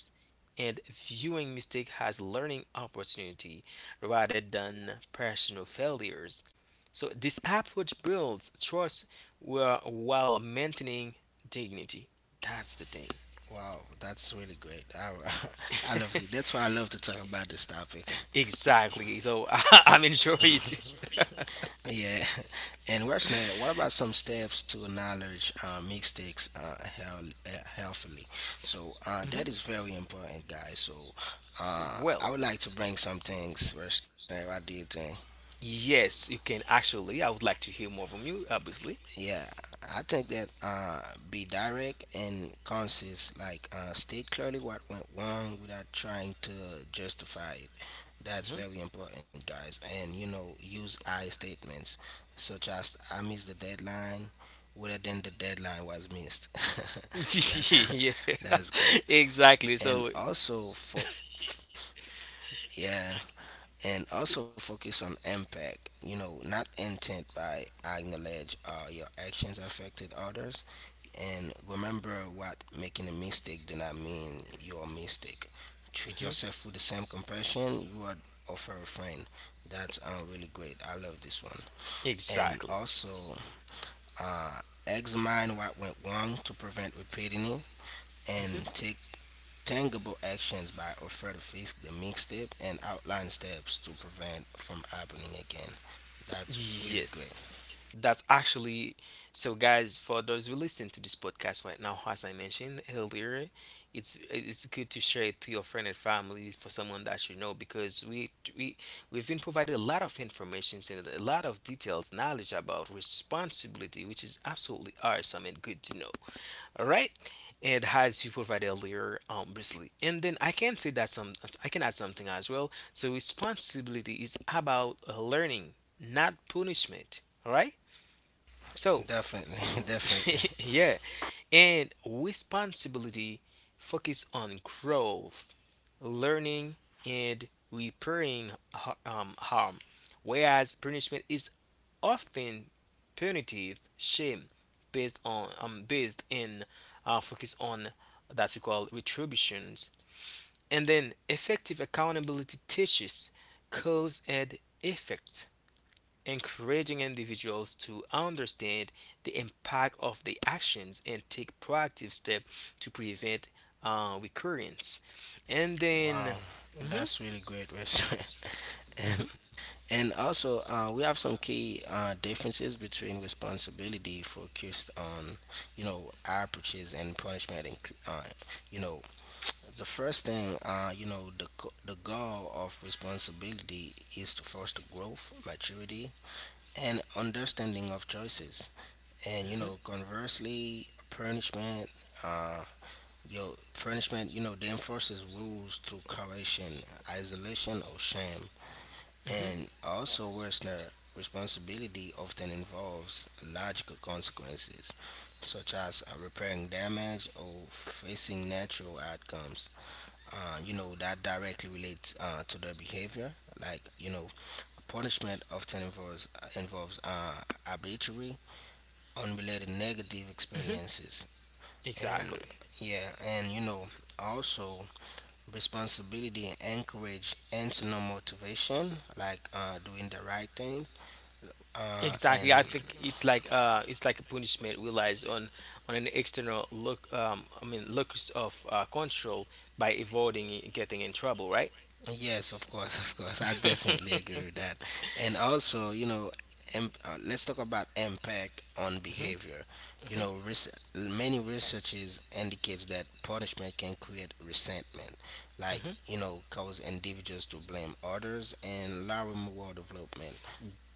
Speaker 1: and viewing mistake as learning opportunity rather than personal failures. So this approach builds trust while maintaining dignity. That's the thing.
Speaker 2: Wow, that's really great. I, I love it. That's why I love to talk about this topic.
Speaker 1: Exactly. So I'm enjoying it.
Speaker 2: Yeah. And what's next? What about some steps to knowledge mistakes, health, healthily? So that
Speaker 1: Mhm.
Speaker 2: is very important, guys. So I
Speaker 1: Well,
Speaker 2: would like to bring some things. Where's next? What do you think?
Speaker 1: yes, you can actually. I would like to hear more from you, obviously.
Speaker 2: Yeah, I think that, be direct and consist. Like, state clearly what went wrong without trying to justify it. That's
Speaker 1: hmm
Speaker 2: very important, guys. And you know, use I statements such as "I missed the deadline," rather than "the deadline was missed." That's
Speaker 1: yeah,
Speaker 2: that's great.
Speaker 1: exactly.
Speaker 2: And
Speaker 1: So,
Speaker 2: also for yeah, and also focus on impact. You know, not intent, by acknowledge your actions affected others, and remember what making a mistake do not mean you're a mistake. Treat
Speaker 1: mhm,
Speaker 2: yourself with the same compassion you would offer a friend. That's really great. I love this one. And
Speaker 1: exactly.
Speaker 2: also, uh, examine what went wrong to prevent repeating it, and
Speaker 1: hmm
Speaker 2: take tangible actions by offer to fix the mixtape and outline steps to prevent from happening again. That's really
Speaker 1: Yes,
Speaker 2: great.
Speaker 1: that's actually so, guys. For those who listen to this podcast right now, as I mentioned earlier, it's good to share it to your friend and family for someone that you know because we we've been provided a lot of information and a lot of details, knowledge about responsibility, which is absolutely awesome and good to know. All right. And as you provided earlier briefly, and then I can say that some I can add something as well. So responsibility is about learning, not punishment. All right, so
Speaker 2: Definitely, definitely.
Speaker 1: yeah. And responsibility focus on growth, learning, and repairing harm, whereas punishment is often punitive shame, based in focus on that we call retributions. And then effective accountability teaches cause and effect, encouraging individuals to understand the impact of the actions and take proactive steps to prevent recurrence. And then
Speaker 2: Wow,
Speaker 1: mhm,
Speaker 2: that's really great, Wes.
Speaker 1: mhm,
Speaker 2: and and also, we have some key differences between responsibility focused on, you know, our purchase and punishment. And uh, you know, the first thing, you know, the the goal of responsibility is to foster growth, maturity, and understanding of choices. And you
Speaker 1: mhm,
Speaker 2: know, conversely, punishment. Uh, Yo, punishment, you know, they enforce his rules through coercion, isolation, or shame.
Speaker 1: mhm,
Speaker 2: And also, worse, their responsibility often involves logical consequences, such as repairing damage or facing natural outcomes. You know, that directly relates to their behavior. Like, you know, punishment often involves arbitrary, unrelated negative
Speaker 1: mhm,
Speaker 2: experiences. And
Speaker 1: exactly.
Speaker 2: yeah, and you know, also responsibility encourage internal motivation, like doing the right thing. And
Speaker 1: Exactly. I think it's like a punishment relies on an external look I mean locus of control by avoiding getting in trouble, right?
Speaker 2: yes, of course, of course, I definitely agree with that. And also, you know, let's talk about impact on
Speaker 1: Hmm.
Speaker 2: behavior. You know, many researches indicates that punishment can create resentment, like
Speaker 1: Hmm.
Speaker 2: you know, cause individuals to blame others and lower moral development.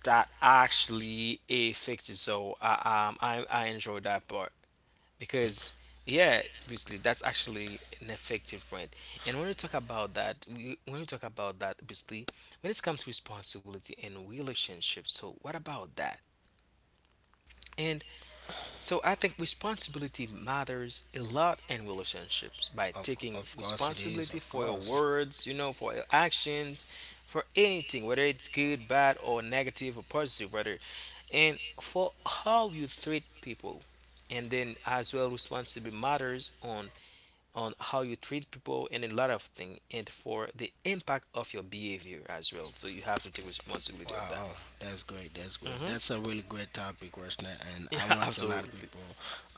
Speaker 1: That actually affects it. So I enjoy that part because yeah, it's basically that's actually an effective point. And when you talk about that, when you talk about that, basically when it comes to responsibility and relationships, so what about that? And so I think responsibility matters a lot in relationships by taking
Speaker 2: Of course it is.
Speaker 1: responsibility
Speaker 2: Of
Speaker 1: for your
Speaker 2: course.
Speaker 1: words, you know, for your actions, for anything, whether it's good, bad, or negative or positive, rather, and for how you treat people. And then as well, responsibility matters on how you treat people and a lot of things, and for the impact of your behavior as well. So you have to take responsibility of that.
Speaker 2: Wow, oh, that's great. That's great.
Speaker 1: Hmm.
Speaker 2: That's a really great topic, Rosna, and
Speaker 1: Yeah,
Speaker 2: I want a lot of
Speaker 1: absolutely,
Speaker 2: people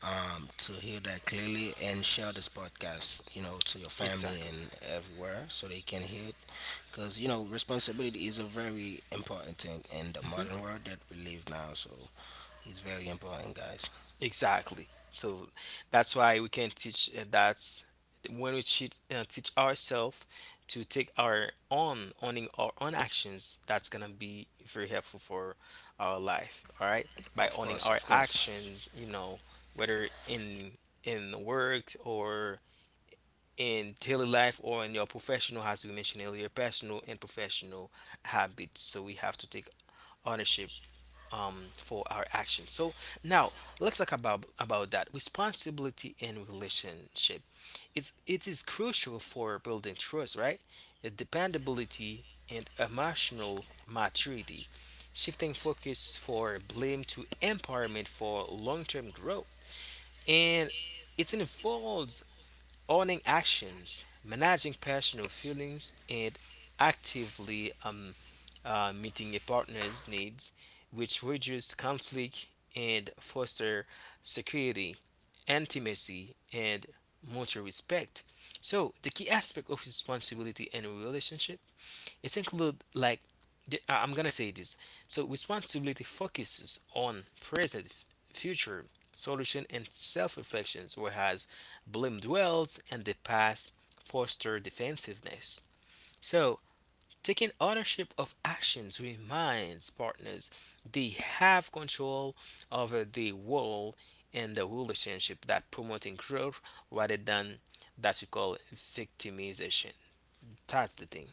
Speaker 2: to hear that clearly and share this podcast, you know, to your family
Speaker 1: exactly.
Speaker 2: and everywhere so they can hear it. Because you know, responsibility is a very important thing in the
Speaker 1: Hmm.
Speaker 2: modern world that we live now. So it's very important, guys.
Speaker 1: Exactly. So that's why we can teach that when we teach, ourselves to take our own owning our own actions, that's gonna be very helpful for our life. All right, by
Speaker 2: Of
Speaker 1: owning
Speaker 2: course,
Speaker 1: our
Speaker 2: of course.
Speaker 1: actions, you know, whether in work or in daily life or in your professional, as we mentioned earlier, personal and professional habits. So we have to take ownership for our actions. So now let's talk about that responsibility in relationship. It is crucial for building trust, right? Dependability and emotional maturity, shifting focus for blame to empowerment for long-term growth, and it involves owning actions, managing personal feelings, and actively meeting a partner's needs, which reduce conflict and foster security, intimacy, and mutual respect. So the key aspect of responsibility in a relationship, it include like I'm gonna say this. So responsibility focuses on present, future solution, and self-reflections, whereas blame dwells in the past, foster defensiveness. So taking ownership of actions reminds partners they have control over the world in the relationship that promoting growth rather than that you call victimization. That's the thing.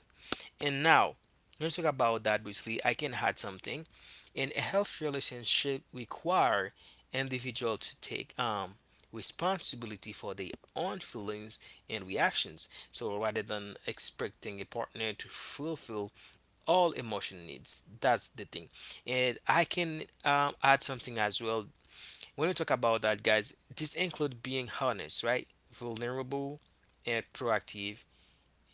Speaker 1: And now, let's talk about that briefly. I can add something. In a healthy relationship, require individual to take responsibility for their own feelings and reactions. So rather than expecting a partner to fulfill all emotion needs, that's the thing. And I can add something as well. When we talk about that, guys, this include being honest, right, vulnerable, and proactive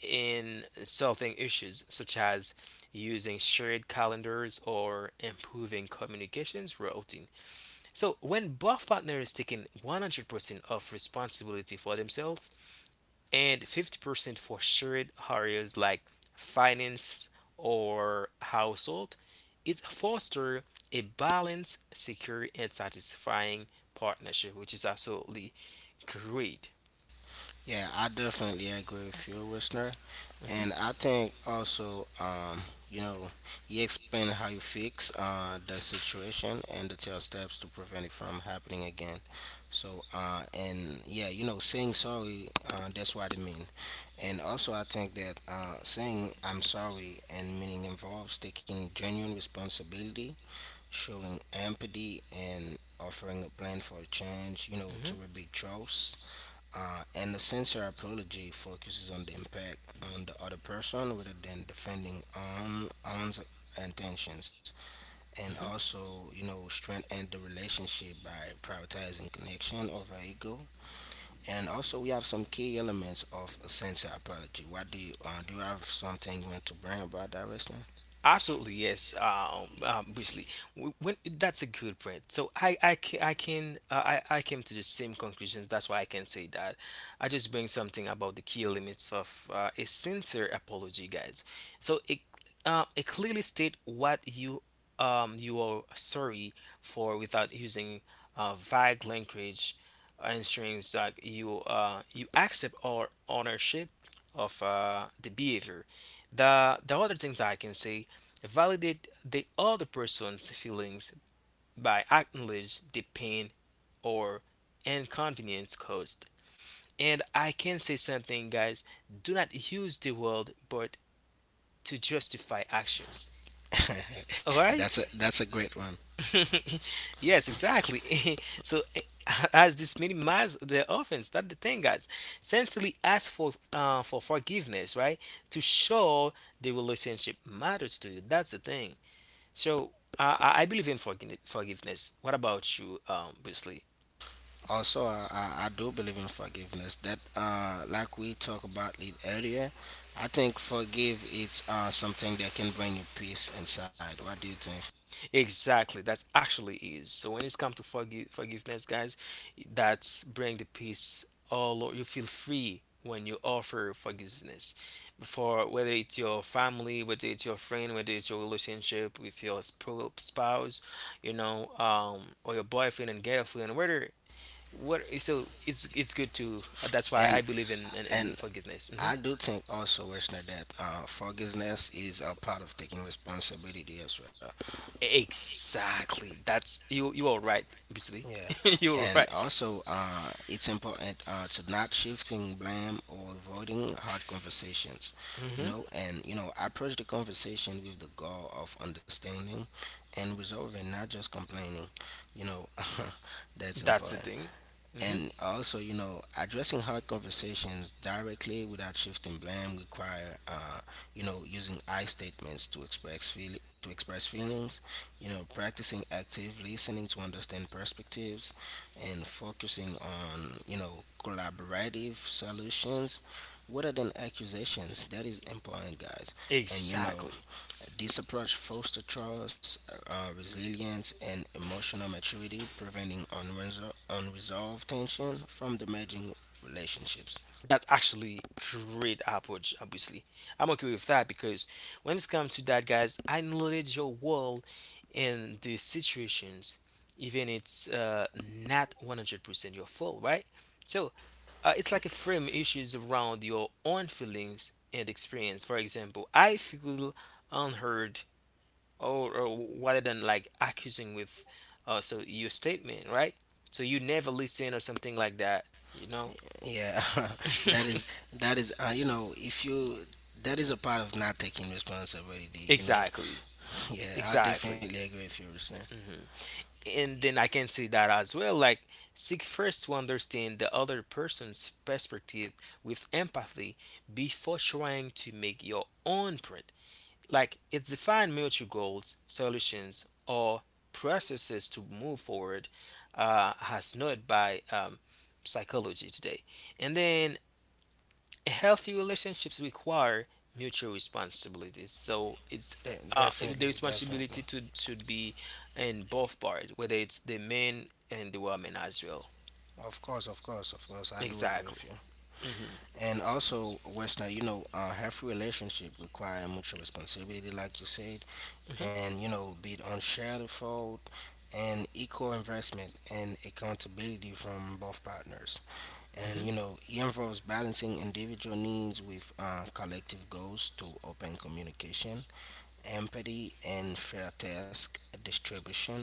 Speaker 1: in solving issues such as using shared calendars or improving communications routing. So when both partners taking 100% of responsibility for themselves and 50% for shared areas like finance or household. It fosters a balanced, secure, and satisfying partnership, which is absolutely great.
Speaker 2: Yeah, I definitely agree with you, listener.
Speaker 1: Mhm,
Speaker 2: And I think also, you know, you explain how you fix the situation and the tell steps to prevent it from happening again. So, and yeah, you know, saying sorry, that's what I mean. And also, I think that saying I'm sorry and meaning involves taking genuine responsibility, showing empathy, and offering a plan for a change, you know, to
Speaker 1: mhm,
Speaker 2: rebuild trust. And the sincere apology focuses on the impact on the other person rather than defending own intentions, and
Speaker 1: mhm.
Speaker 2: also you know strengthen the relationship by prioritizing connection over ego. And also, we have some key elements of a sincere apology. What do? You have something you want to bring about that, Wesley?
Speaker 1: Absolutely, yes. Briefly, when that's a good point. So I can, I came to the same conclusions. That's why I can say that. I just bring something about the key elements of a sincere apology, guys. So it clearly state what you are sorry for without using vague language, ensuring that you accept or ownership of the behavior. The other things I can say, validate the other person's feelings by acknowledging the pain or inconvenience caused. And I can say something, guys, do not use the word but to justify actions. All
Speaker 2: That's
Speaker 1: right?
Speaker 2: a great one.
Speaker 1: Yes, exactly. So, as this minimize the offense, that's the thing, guys. Sincerely ask for forgiveness, right? To show the relationship matters to you. That's the thing. So I believe in forgiveness. What about you, Beasley?
Speaker 2: Also I do believe in forgiveness that like we talked about it earlier. I think forgive it's something that can bring you peace inside. What do you think?
Speaker 1: Exactly, that's actually is. So when it's come to forgiveness, guys, that's bring the peace. You feel free when you offer forgiveness, for whether it's your family, whether it's your friend, whether it's your relationship with your spouse, you know, or your boyfriend and girlfriend, whether what. So it's good to. Uh, that's why
Speaker 2: and
Speaker 1: I believe in
Speaker 2: and
Speaker 1: forgiveness. Mm-hmm.
Speaker 2: i do think also, Wishna, that forgiveness is a part of taking responsibility as well.
Speaker 1: Exactly. That's you. You are right, obviously.
Speaker 2: Yeah,
Speaker 1: You're
Speaker 2: and
Speaker 1: right.
Speaker 2: also it's important to not shifting blame or avoiding hard conversations, you
Speaker 1: Hmm.
Speaker 2: know, and you know approach the conversation with the goal of understanding and resolving, not just complaining, you know, that's
Speaker 1: That's the
Speaker 2: important.
Speaker 1: thing. Hmm.
Speaker 2: And also, you know, addressing hard conversations directly without shifting blame require, you know, using I statements to express feelings, you know, practicing active listening to understand perspectives and focusing on, you know, collaborative solutions rather than accusations. That is important, guys. And, you know,
Speaker 1: Exactly.
Speaker 2: this approach fosters trust, resilience, and emotional maturity, preventing unresolved tension from damaging relationships.
Speaker 1: That's actually great approach. Obviously, I'm okay with that because when it's come to that, guys, I knowledge your world and the situations, even it's not 100% your fault, right? So it's like a frame issues around your own feelings and experience. For example, I feel unheard or rather than like accusing with so your statement, right? So you never listen or something like that, you know?
Speaker 2: Yeah, that is you know, if you, that is a part of not taking responsibility. You know,
Speaker 1: Exactly,
Speaker 2: yeah, I
Speaker 1: exactly.
Speaker 2: definitely agree with you, Ruslan.
Speaker 1: Hmm. And then I can see that as well. Like, seek first to understand the other person's perspective with empathy before trying to make your own like it's defined mutual goals, solutions, or processes to move forward, as noted by psychology today. And then healthy relationships require mutual responsibilities. So it's the
Speaker 2: Definitely, definitely.
Speaker 1: responsibility to should be in both parts, whether it's the men and the women as well.
Speaker 2: Of course, of course, of course, I do agree
Speaker 1: Exactly.
Speaker 2: with you.
Speaker 1: Hmm.
Speaker 2: And also, Westner, you know, a healthy relationship require mutual responsibility, like you said,
Speaker 1: Hmm.
Speaker 2: and you know, be it on shared fault and equal investment and accountability from both partners. And
Speaker 1: Hmm.
Speaker 2: you know, it involves balancing individual needs with collective goals through open communication, empathy, and fair task distribution.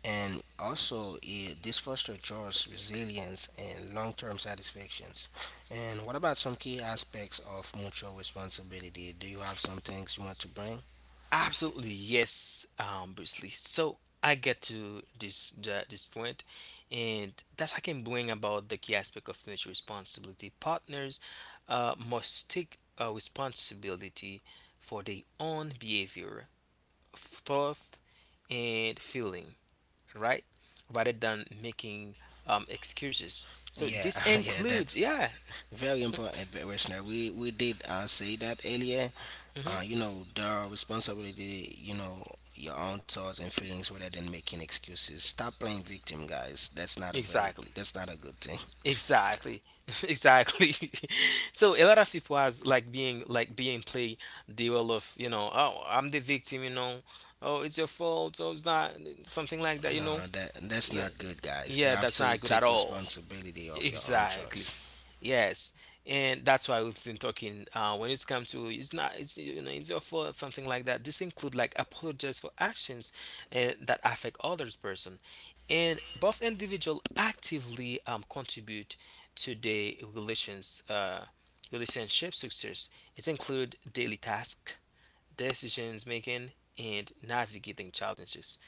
Speaker 2: And also it, this foster jobs resilience and long-term satisfactions. And what about some key aspects of mutual responsibility? Do you have some things you want to bring?
Speaker 1: Absolutely, yes, Bruce Lee. So I get to this the, this point, and that's I can bring about the key aspect of financial responsibility. Partners must take responsibility for their own behavior, thought, and feeling, right? Rather than making excuses. So
Speaker 2: Yeah,
Speaker 1: this
Speaker 2: yeah,
Speaker 1: includes,
Speaker 2: that's
Speaker 1: yeah.
Speaker 2: very important, but Listener, we did say that earlier.
Speaker 1: Hmm.
Speaker 2: You know, the responsibility, you know, your own thoughts and feelings rather than making excuses. Stop playing victim, guys. That's not a very,
Speaker 1: Exactly.
Speaker 2: that's not a good thing.
Speaker 1: Exactly. Exactly. So a lot of people has like being play the role of, you know, oh, I'm the victim, you know. Oh, it's your fault. Oh, it's not something like that, you know.
Speaker 2: No, that's
Speaker 1: Yeah,
Speaker 2: not good, guys. You
Speaker 1: yeah,
Speaker 2: have
Speaker 1: that's not
Speaker 2: to
Speaker 1: good at
Speaker 2: take
Speaker 1: all.
Speaker 2: responsibility of your own
Speaker 1: Exactly.
Speaker 2: choice.
Speaker 1: Yes, and that's why we've been talking. When it's come to it's not it's, you know, it's your fault, something like that. This include like apologize for actions that affect others person, and both individual actively contribute to the relationship success. It include daily tasks, decisions making, and navigating challenges.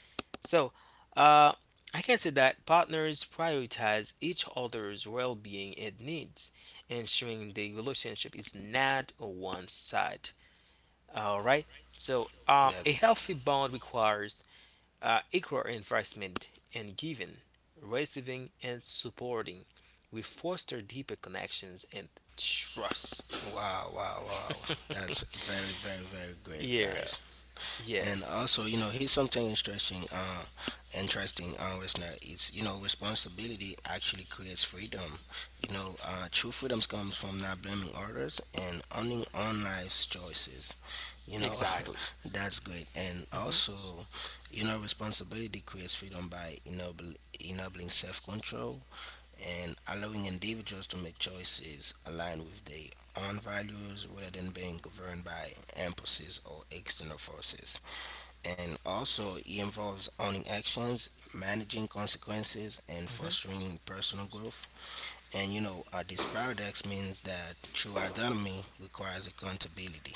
Speaker 1: So, uh, I can say that partners prioritize each other's well being and needs, ensuring the relationship is not a one side. All right. So, a
Speaker 2: That's
Speaker 1: healthy bond requires equal investment in giving, receiving, and supporting. We foster deeper connections and trust.
Speaker 2: wow, wow, wow. That's very, very, very great,
Speaker 1: Yeah,
Speaker 2: guys.
Speaker 1: yeah,
Speaker 2: And also, you know, here's something interesting. Interesting, listener. It's, you know, responsibility actually creates freedom. You know, true freedoms comes from not blaming others and owning own life's choices. You know,
Speaker 1: exactly.
Speaker 2: that's great. And
Speaker 1: Hmm.
Speaker 2: also, you know, responsibility creates freedom by enabling self-control and allowing individuals to make choices aligned with their own values rather than being governed by impulses or external forces. And also it involves owning actions, managing consequences, and fostering personal growth. And you know, this paradox means that true autonomy requires accountability.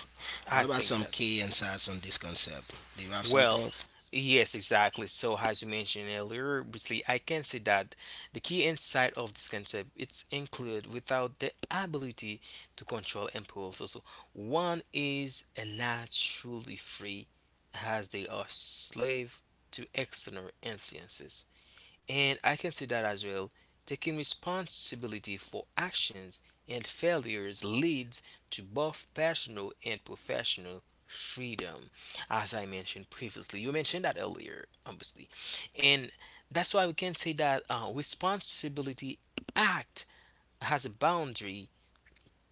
Speaker 2: What
Speaker 1: I
Speaker 2: about
Speaker 1: think
Speaker 2: some
Speaker 1: that.
Speaker 2: key insights on this concept? Do you have
Speaker 1: Well,
Speaker 2: something?
Speaker 1: yes, exactly. So, as you mentioned earlier, obviously, I can say that the key insight of this concept it's included without the ability to control impulse. Also, one is naturally free, as they are slave to external influences. And I can see that as well. Taking responsibility for actions and failures leads to both personal and professional freedom, as I mentioned previously. You mentioned that earlier, obviously. And that's why we can say that responsibility act has a boundary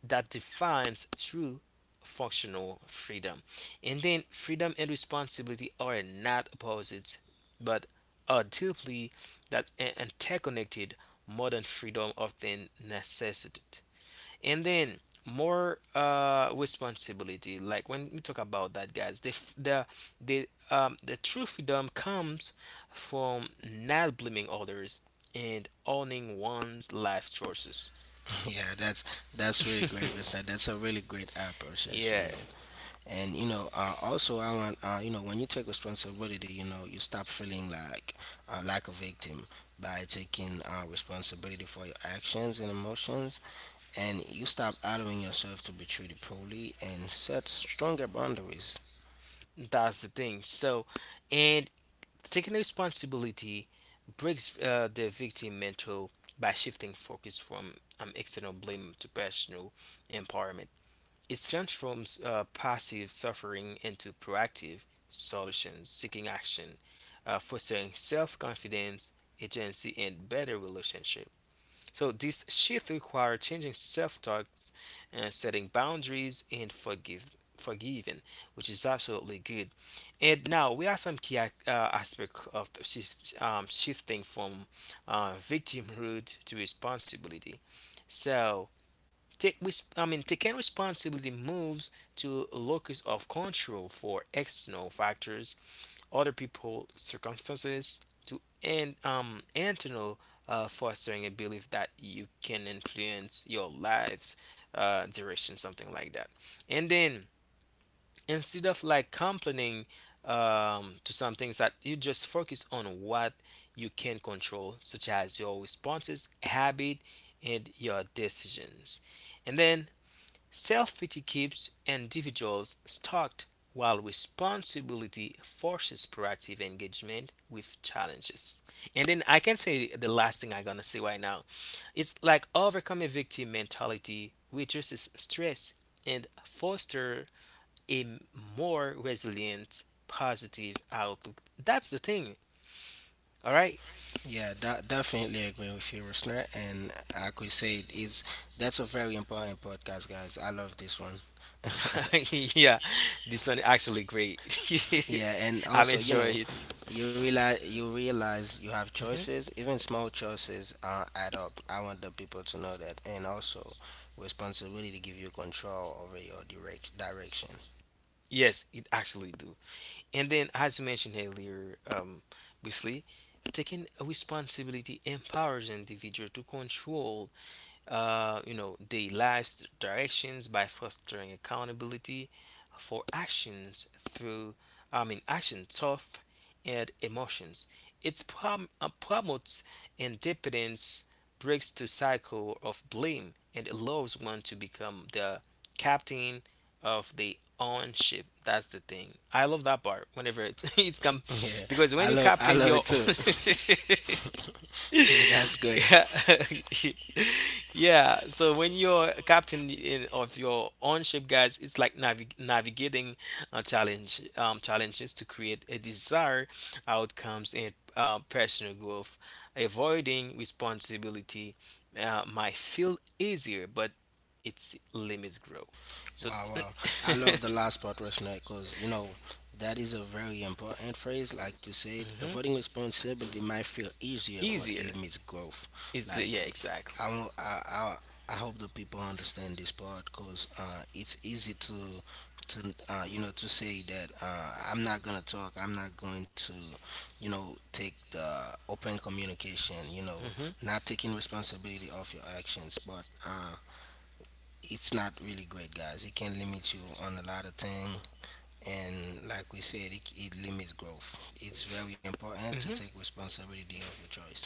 Speaker 1: that defines true functional freedom. And then freedom and responsibility are not opposites, but are deeply interconnected. Modern freedom often necessitates. And then more responsibility. Like when we talk about that, guys, the f- the true freedom comes from not blaming others and owning one's life choices.
Speaker 2: Yeah, that's really great, listener. That's a really great approach that you
Speaker 1: Yeah,
Speaker 2: made. And you know, also I want, you know, when you take responsibility, you know, you stop feeling like a victim by taking responsibility for your actions and emotions, and you stop allowing yourself to be treated poorly and set stronger boundaries.
Speaker 1: that's the thing. So, and taking responsibility breaks the victim mental by shifting focus from external blame to personal empowerment. It transforms passive suffering into proactive solutions, seeking action, fostering self confidence, agency, and better relationships. So this shift requires changing self-talk, setting boundaries, and forgive forgiving, which is absolutely good. And now we have some aspect of the shift, shifting from victimhood to responsibility. So I mean taking responsibility moves to a locus of control for external factors, other people's circumstances, to and to know fostering a belief that you can influence your life's direction, something like that. And then instead of like complaining to some things, that you just focus on what you can control such as your responses habit and your decisions. And then self pity keeps individuals stuck, while responsibility forces proactive engagement with challenges. And then I can say the last thing I'm gonna say right now. It's like overcome a victim mentality reduces stress and foster a more resilient positive outlook. That's the thing. All right.
Speaker 2: Yeah, that definitely agree with you, listener. And like we said, it's that's a very important podcast, guys. I love this one.
Speaker 1: Yeah, this one actually great.
Speaker 2: Yeah, and
Speaker 1: I'm
Speaker 2: also, you
Speaker 1: enjoying
Speaker 2: know,
Speaker 1: it.
Speaker 2: you realize you have
Speaker 1: Mhm.
Speaker 2: choices. Even small choices add up. I want the people to know that, and also responsibility to give you control over your direction.
Speaker 1: Yes, it actually do. And then, as you mentioned earlier, Wesley, taking a responsibility empowers individual to control you know, their lives directions by fostering accountability for actions through, I mean, action thought and emotions. It promotes independence, breaks the cycle of blame, and allows one to become the captain of the own ship. That's the thing. I love that part. Whenever it's it's come,
Speaker 2: Yeah,
Speaker 1: because when
Speaker 2: I
Speaker 1: you
Speaker 2: love
Speaker 1: captain your
Speaker 2: it too.
Speaker 1: own.
Speaker 2: That's great.
Speaker 1: Yeah, so when you're a captain of your own ship, guys, it's like navigating a challenges to create a desired outcomes and personal growth. Avoiding responsibility might feel easier but its limits grow. So
Speaker 2: Wow, wow. I love the last part, Reshna, because, you know, that is a very important phrase. Like you said,
Speaker 1: mhm.
Speaker 2: avoiding responsibility might feel easier, but it
Speaker 1: Easier
Speaker 2: limits growth.
Speaker 1: is
Speaker 2: Like,
Speaker 1: yeah exactly.
Speaker 2: I, wa- I hope the people understand this part because it's easy to, you know, to say that I'm not going to talk, I'm not going to, you know, take the open communication, you know,
Speaker 1: Hmm.
Speaker 2: not taking responsibility of your actions. But, it's not really great, guys. It can limit you on a lot of things, and like we said, it limits growth. It's very important to take responsibility of your choice.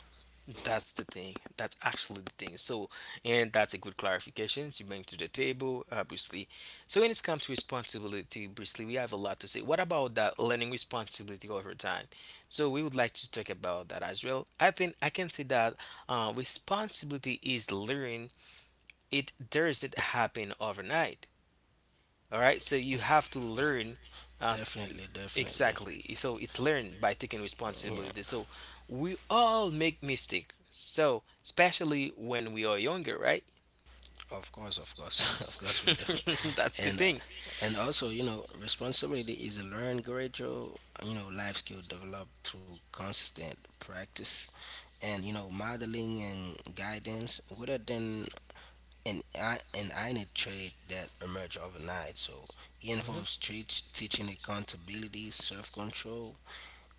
Speaker 1: That's the thing. That's actually the thing. So, and that's a good clarification you bring to the table, obviously. So, when it's come to responsibility, obviously, we have a lot to say. What about that learning responsibility over time? So, we would like to talk about that as well. I think I can say that responsibility is learning. It doesn't happen overnight. All right. So, you have to learn uh,
Speaker 2: Definitely, definitely.
Speaker 1: exactly. So it's learned by taking
Speaker 2: Yeah,
Speaker 1: responsibility. So we all make mistakes. So especially when we are younger, right?
Speaker 2: of course, of course we do.
Speaker 1: That's the
Speaker 2: And uh,
Speaker 1: thing.
Speaker 2: and also, you know, responsibility is a learned gradual, you know, life skill developed through constant practice and you know modeling and guidance rather than and I need trade that emerge overnight. So it
Speaker 1: Mm-hmm,
Speaker 2: involves teaching accountability, self-control,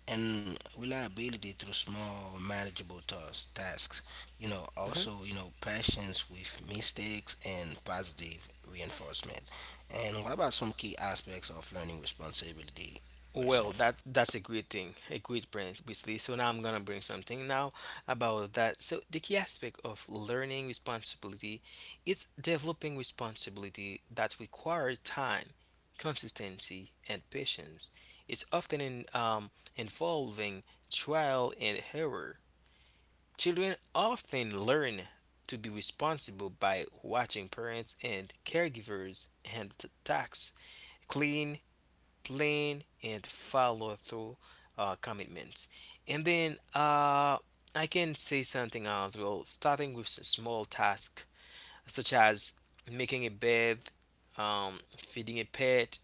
Speaker 2: and reliability through small, manageable tasks. You know,
Speaker 1: mm-hmm.
Speaker 2: also you know patience with mistakes and positive reinforcement. And what about some key aspects of learning responsibility,
Speaker 1: Well,
Speaker 2: Reznor?
Speaker 1: that's a great thing, a great point, basically. So now I'm gonna bring something now about that. So the key aspect of learning responsibility is developing responsibility that requires time, consistency, and patience. It's often involving trial and error. Children often learn to be responsible by watching parents and caregivers and tasks, clean, plan, and follow through commitments. And then I can say something as well, starting with small tasks such as making a bed, feeding a pet,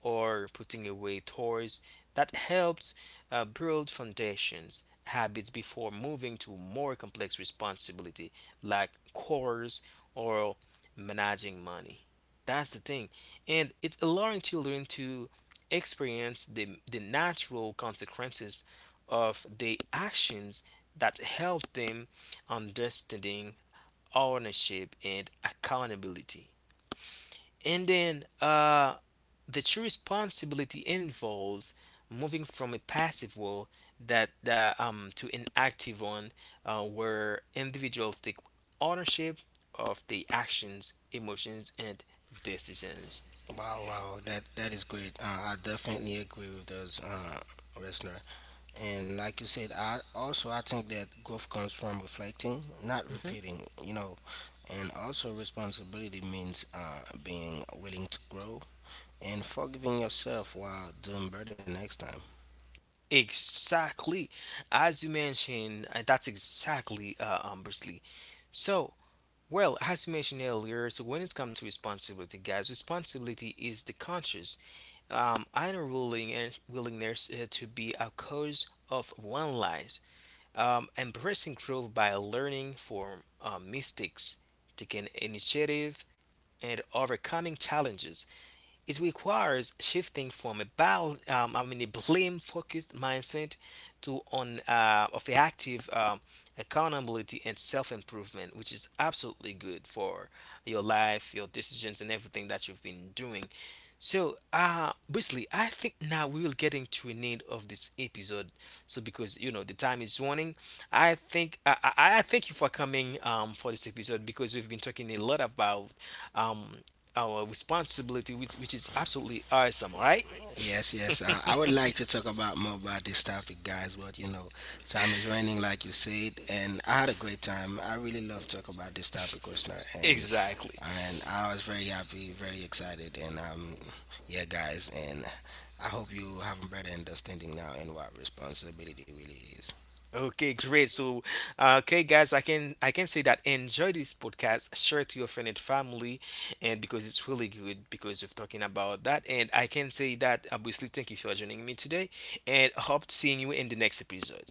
Speaker 1: or putting away toys that helped build foundations habits before moving to more complex responsibility like chores or managing money. That's the thing. And it's allowing children to experience the natural consequences of the actions that help them understanding ownership and accountability. And then the true responsibility involves moving from a passive role that to an active one where individuals take ownership of the actions, emotions, and decisions.
Speaker 2: Wow, wow, that is great. I definitely agree with those, listener. And like you said, I also I think that growth comes from reflecting, not
Speaker 1: Hmm.
Speaker 2: repeating. You know, and also responsibility means being willing to grow and forgiving yourself while doing better next time.
Speaker 1: Exactly, as you mentioned, that's exactly Bruce Lee. So, well, as you mentioned earlier, so when it comes to responsibility, guys, responsibility is the conscious unwilling and willingness to be a cause of one lies, embracing growth by learning from mistakes, taking initiative, and overcoming challenges. It requires shifting from a I mean a blame-focused mindset to on of a active accountability and self-improvement, which is absolutely good for your life, your decisions, and everything that you've been doing. So, basically, I think now we will get into an end of this episode. So, because you know the time is running, I think I thank you for coming for this episode because we've been talking a lot about um our responsibility, which is absolutely awesome, all right?
Speaker 2: Yes, yes. I would like to talk about more about this topic, guys. But you know, time is running, like you said, and I had a great time. I really love talk about this topic, listener, and
Speaker 1: Exactly.
Speaker 2: I was very happy, very excited, and yeah, guys, and I hope you have a better understanding now in what responsibility really is.
Speaker 1: Okay, great. So, okay, guys, I can say that enjoy this podcast, share it to your friend and family, and because it's really good because we're talking about that, and I can say that obviously thank you for joining me today, and hope seeing you in the next episode.